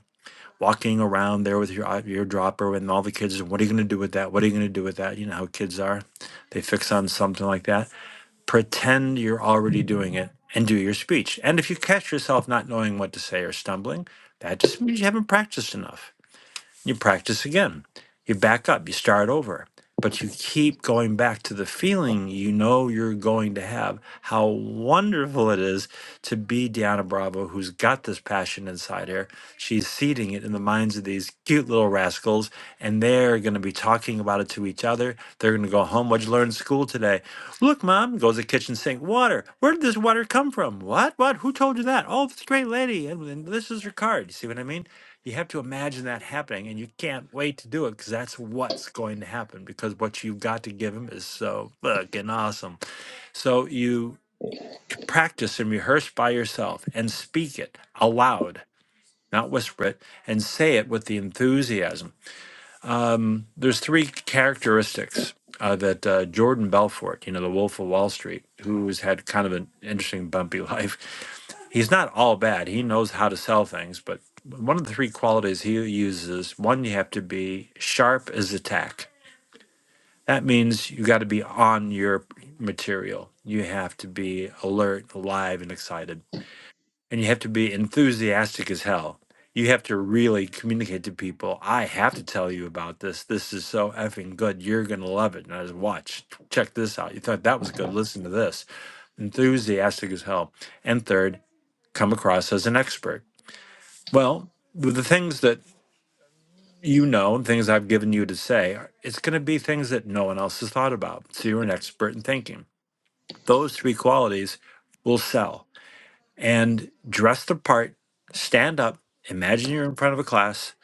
walking around there with your eye- your dropper and all the kids. What are you going to do with that? What are you going to do with that? You know how kids are; they fix on something like that pretend you're already doing it and do your speech. And if you catch yourself not knowing what to say or stumbling, that just means you haven't practiced enough. You practice again. You back up. You start over. But you keep going back to the feeling you know you're going to have. How wonderful it is to be Deanna Bravo, who's got this passion inside her. She's seeding it in the minds of these cute little rascals, and they're going to be talking about it to each other. They're going to go home. What'd you learn in school today? Look, Mom, goes to the kitchen sink. Water. Where did this water come from? What? What? Who told you that? Oh, this great lady. And, and this is her card. You see what I mean? You have to imagine that happening, and you can't wait to do it because that's what's going to happen. Because what you've got to give him is so fucking awesome. So you c- practice and rehearse by yourself and speak it aloud, not whisper it, and say it with the enthusiasm. Um, there's three characteristics uh, that uh, Jordan Belfort, you know, the Wolf of Wall Street, who's had kind of an interesting bumpy <laughs> life he's not all bad. He knows how to sell things, but one of the three qualities he uses one, you have to be sharp as a tack. That means you got to be on your material. You have to be alert, alive, and excited. And you have to be enthusiastic as hell. You have to really communicate to people. I have to tell you about this. This is so effing good. You're going to love it. And I just watch, check this out. You thought that was good. Listen to this. Enthusiastic as hell. And third, come across as an expert well, with the things that you know and things I've given you to say, are- it's going to be things that no one else has thought about. So you're an expert in thinking. Those three qualities will sell. And dress the part, stand up, imagine you're in front of a class,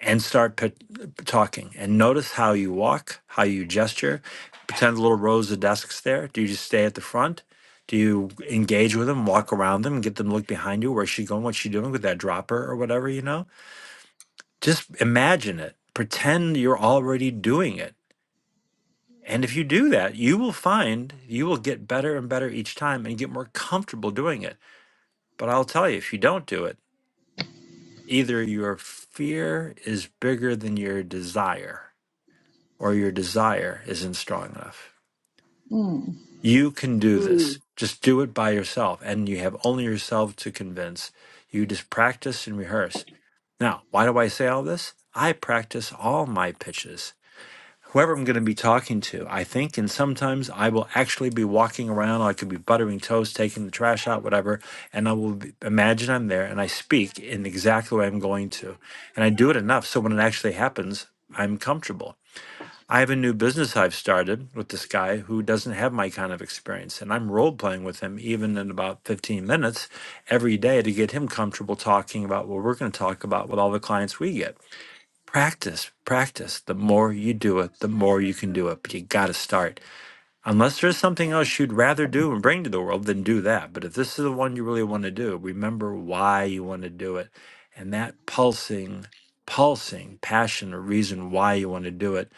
and start pit- talking. And notice how you walk, how you gesture. Pretend little rows of desks there. Do you just stay at the front? Do you engage with them, walk around them, get them to look behind you? Where's she going? What's she doing with that dropper or whatever, you know? Just imagine it. Pretend you're already doing it. And if you do that, you will find you will get better and better each time and get more comfortable doing it. But I'll tell you, if you don't do it, either your fear is bigger than your desire or your desire isn't strong enough.
Mm.
You can do this.
Mm,
Just do it by yourself. And you have only yourself to convince. You just practice and rehearse. Now, why do I say all this? I practice all my pitches. whoever I'm going to be talking to, I think. And sometimes I will actually be walking around, I could be buttering toast, taking the trash out, whatever. And I will be, imagine I'm there and I speak in exactly the way I'm going to. And I do it enough so when it actually happens, I'm comfortable. I have a new business I've started with this guy who doesn't have my kind of experience. And I'm role playing with him even in about 15 minutes every day to get him comfortable talking about what we're going to talk about with all the clients we get practice, practice. The more you do it, the more you can do it. But you got to start. Unless there's something else you'd rather do and bring to the world, then do that. But if this is the one you really want to do, remember why you want to do it. And that pulsing, pulsing passion or reason why you want to do it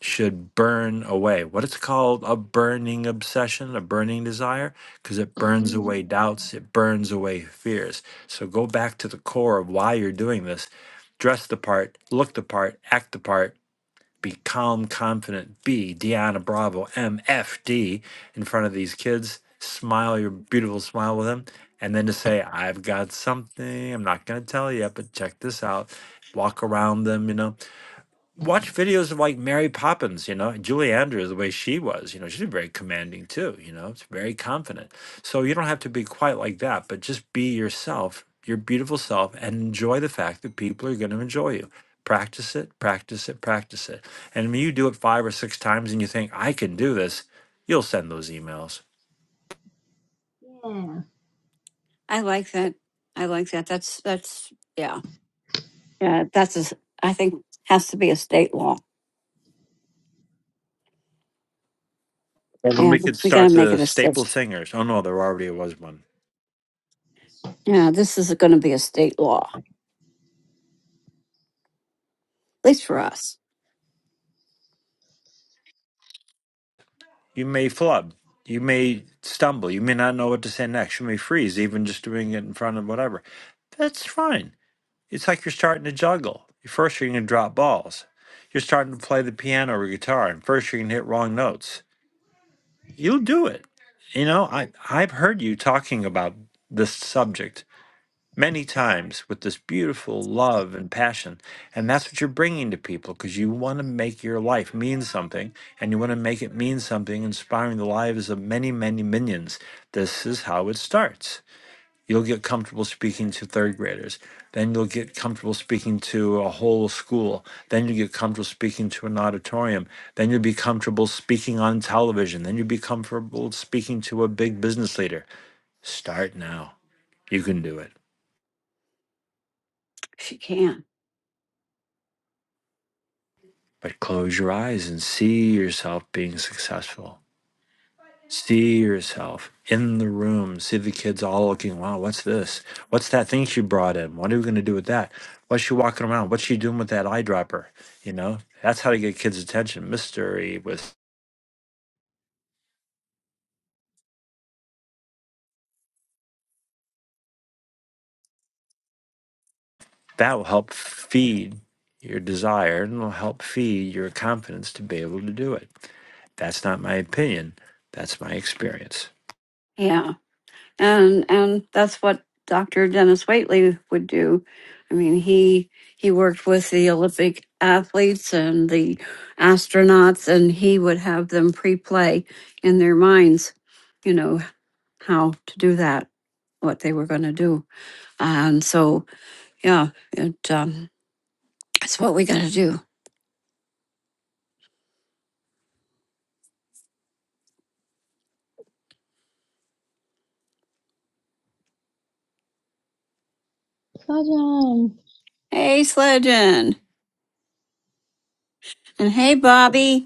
should burn away. What it's called a burning obsession, a burning desire, because it burns
Bring
away doubts, it burns away fears. So go back to the core of why you're doing this. Dress the part, look the part, act the part, be calm, confident, be Deanna Bravo, MFD, in front of these kids. Smile your beautiful smile with them. And then to say, I've got something, I'm not going to tell you, but check this out. Walk around them, you know watch videos of like Mary Poppins, you know, and Julie Andrews, the way she was, you know, she's very commanding too, you know, it's very confident. So you don't have to be quite like that, but just be yourself, your beautiful self, and enjoy the fact that people are going to enjoy you. Practice it, practice it, practice it. And when you do it five or six times and you think, I can do this, you'll send those emails.
I like that. I like that. That's that's yeah. Yeah, that's a s I think has to be a state law.
And when
Yeah,
we could
we got to
start
make
the
it a
staple
state.
singers. Oh, no, there already was one.
Yeah, this is going to be a state law, at least for us.
You may flub. You may stumble. You may not know what to say next. You may freeze, even just doing it in front of whatever. That's fine. It's like you're starting to juggle. First, you're going to drop balls. You're starting to play the piano or guitar, and first, you're going to hit wrong notes. You'll do it. You know, I, I've heard you talking about this subject many times with this beautiful love and passion. And that's what you're bringing to people because you want to make your life mean something and you want to make it mean something, inspiring the lives of many, many minions. This is how it starts. You'll get comfortable speaking to third graders. Then you'll get comfortable speaking to a whole school. Then you get comfortable speaking to an auditorium. Then you'll be comfortable speaking on television. Then you'll be comfortable speaking to a big business leader. Start now. You can do it.
She can.
But close your eyes and see yourself being successful. See yourself in the room. See the kids all looking, wow, what's this? What's that thing she brought in? What are we going to do with that? What's she walking around? What's she doing with that eyedropper? You know, that's how to get kids' attention. Mystery with that will help feed your desire and will help feed your confidence to be able to do it. That's not my opinion. That's my experience.
Yeah. and and that's what Dr. Dennis Waitley would do. I mean, he he worked with the Olympic athletes and the astronauts, and he would have them pre-play in their minds, you know, how to do that, what they were going to do, and so yeah, it um, it's what we got to do.
Sajan,
Hey, Sledgen, and hey, Bobby.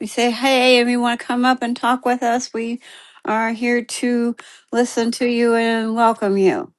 we say, hey, if you want to come up and talk with us, we are here to listen to you and welcome you.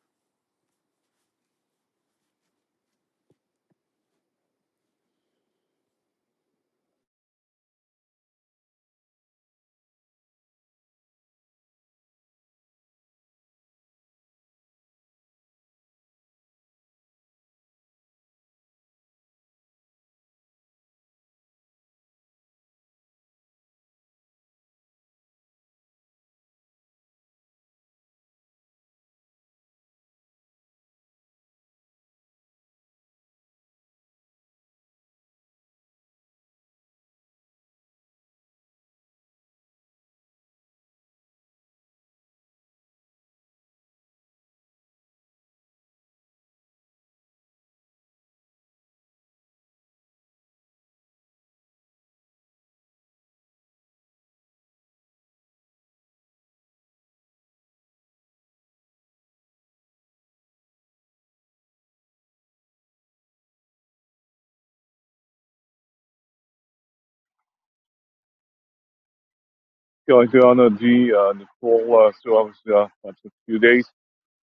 Yeah, I do, Anna G, and for uh, so obviously uh, after a few days,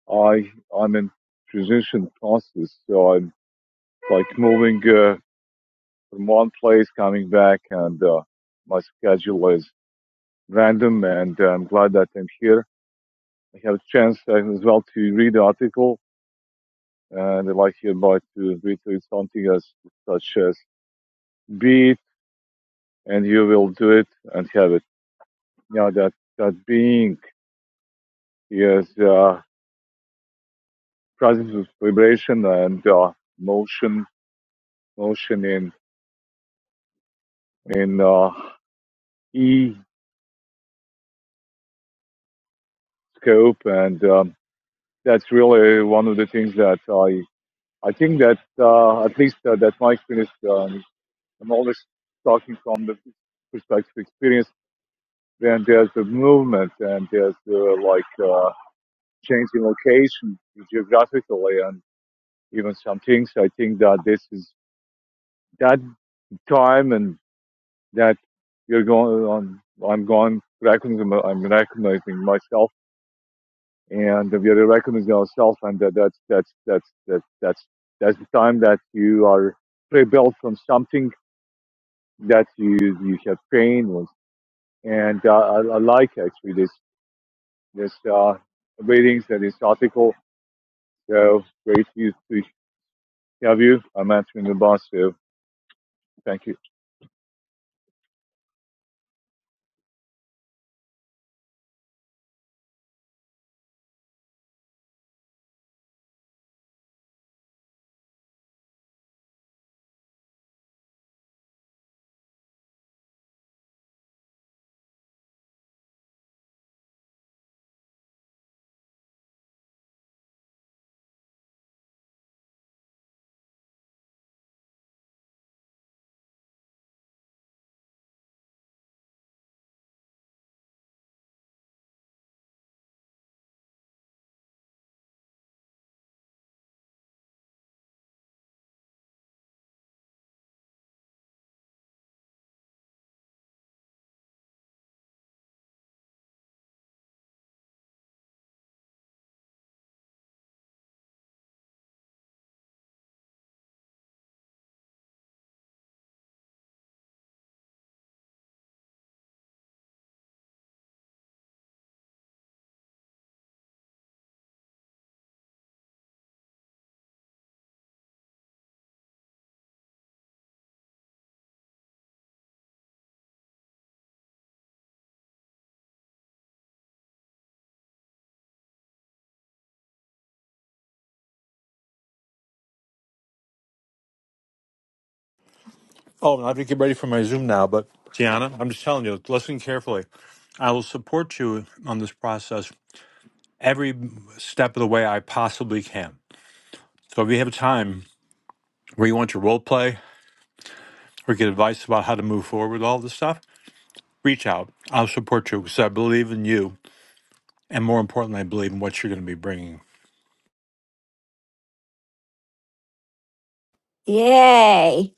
I I'm in transition process, so I'm like moving uh, from one place, coming back, and uh, my schedule is random, and uh, I'm glad that I'm here. I have a chance uh, as well to read the article, and I'd like hereby to retweet something as such as "Be it, and you will do it and have it." Yeah, that that being is. Uh, process of vibration and uh, motion, motion in in uh, E scope, and um, that's really one of the things that I I think that uh, at least uh, that my experience, um, I'm always talking from the perspective of experience. Then there's the movement, and there's the like uh, change in location geographically, and even some things. I think that this is that time and that you're going on. I'm going recognizing. I'm recognizing myself, and if you're recognizing yourself, and that, that's that's that's that's that's that's the time that you are rebuilt from something that you you have pain with. And uh, I, I like actually this this uh, readings and this article. So great to, to have you. I'm answering the boss. So thank you.
Oh, I have to get ready for my Zoom now, but Gianna, I'm just telling you, listen carefully. I will support you on this process every step of the way I possibly can. So if you have time where you want to role play or get advice about how to move forward with all this stuff, reach out. I'll support you because I believe in you. And more importantly, I believe in what you're going to be bringing
Yay.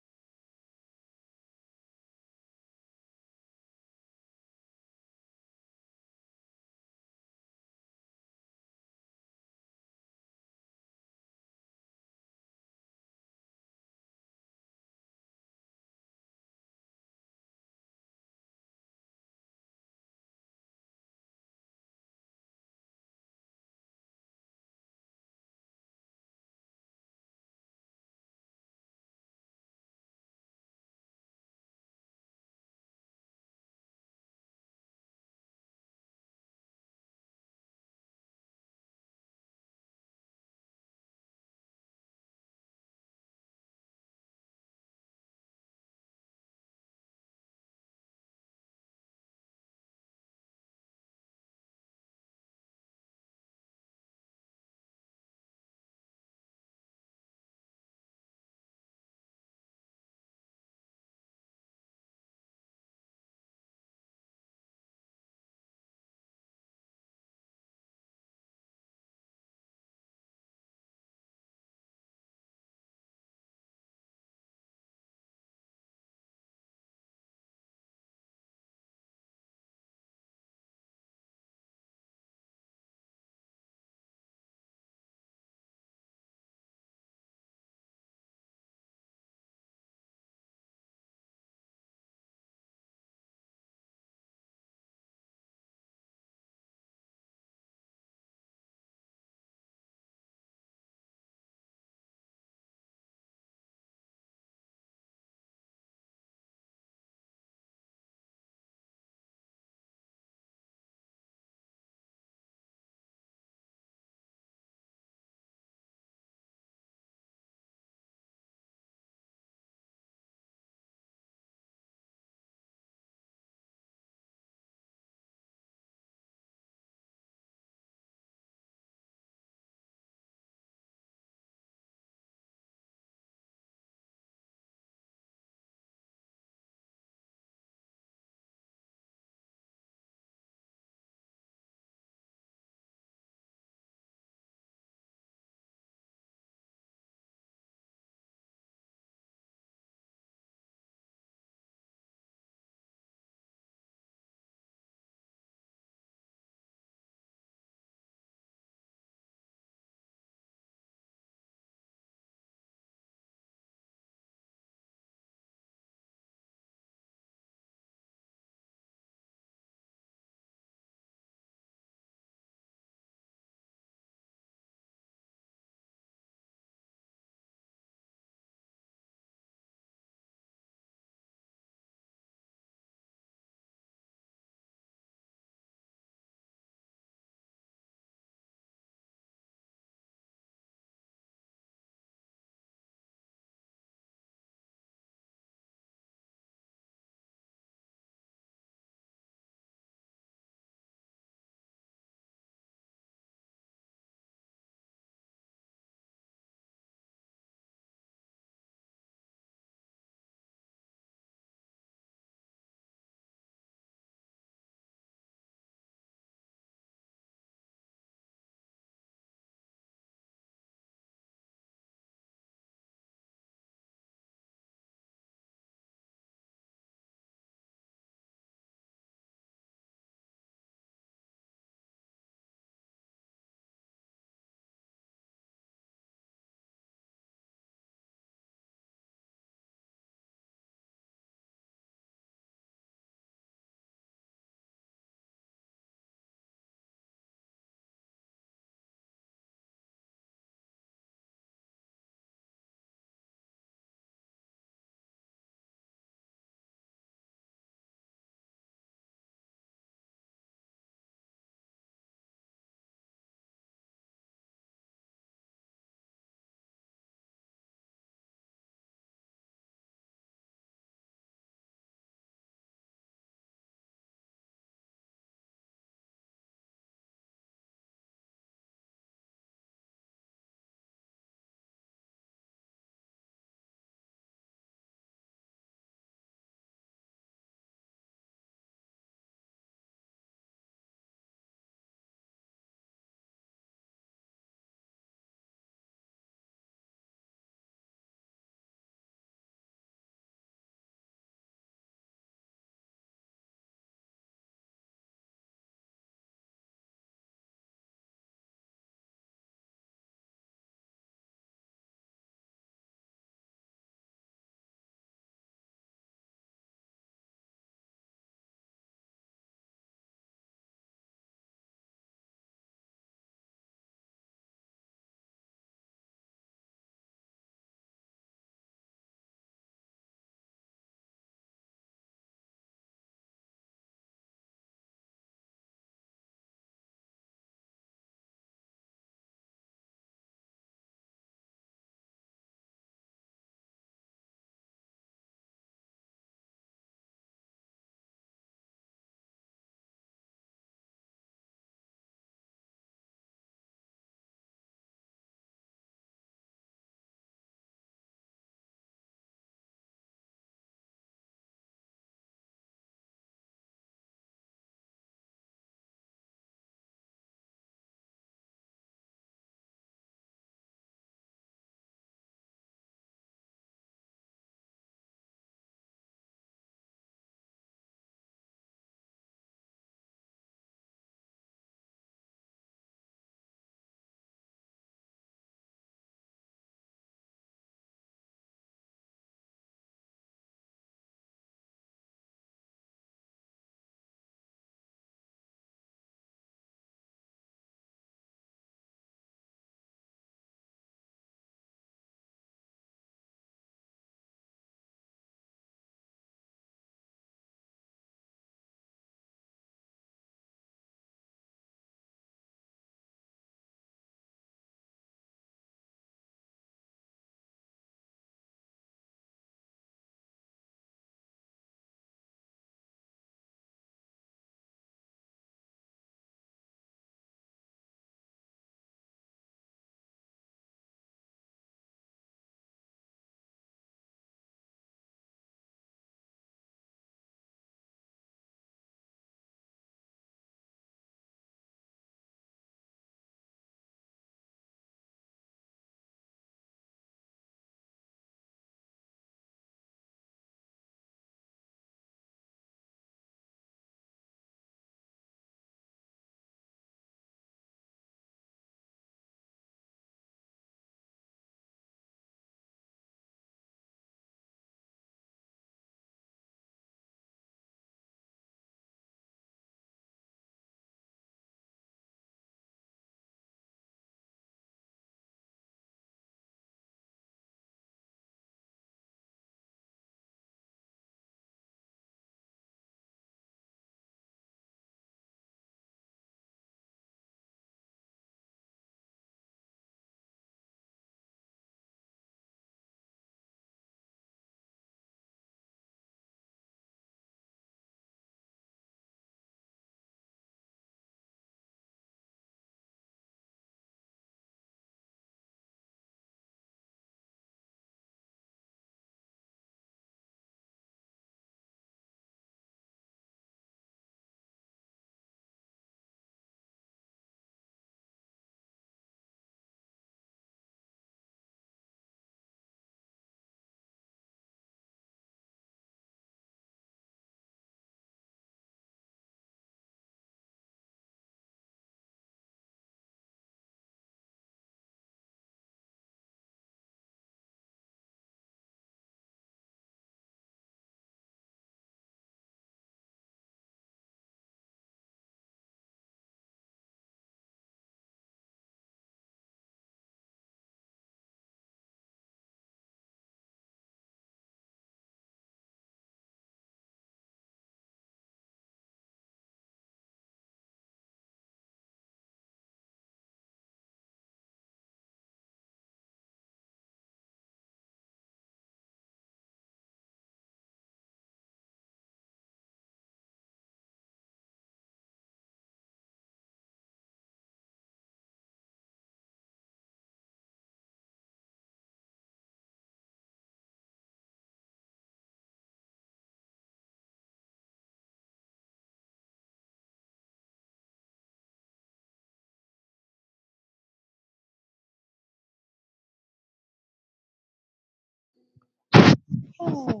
oh,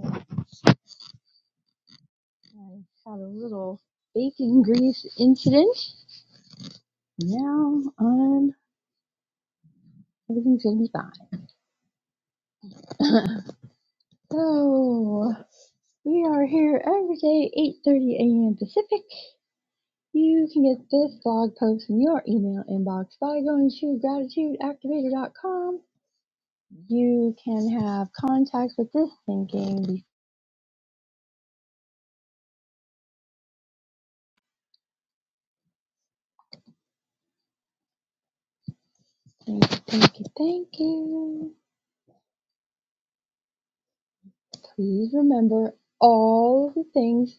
I had a little bacon grease incident. Now I'm everything's gonna be fine. <laughs> so we are here every day, 8:30 a.m. Pacific. You can get this blog post in your email inbox by going to gratitudeactivator.com. You can have contact with this thinking. Thank you, thank you, thank you. Please remember all of the things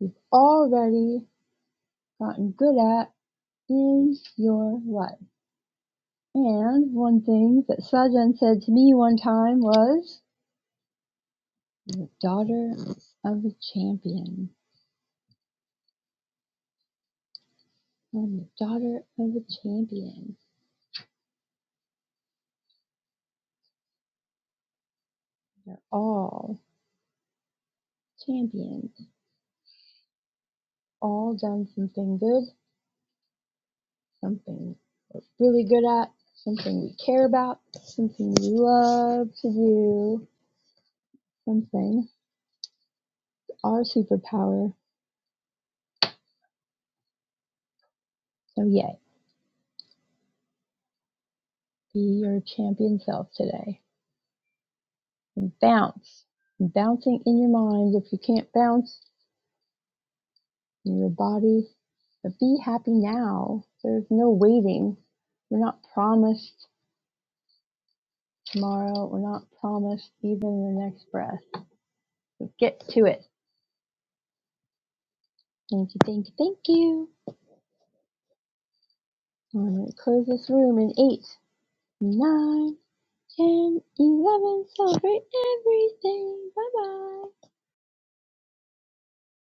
you've already gotten good at in your life. And one thing that Sajan said to me one time was, "You're the daughter of a champion. I'm the daughter of a champion. They're all champions, all done something good, something really good at, something we care about, something we love to do, something our superpower. So, yay, be your champion self today and bounce. Bouncing in your mind if you can't bounce in your body, but be happy now. There's no waiting. We're not promised tomorrow. We're not promised even the next breath. Get to it. Thank you, thank you, thank you. I'm gonna close this room in eight, nine, ten, eleven. Celebrate everything. Bye bye.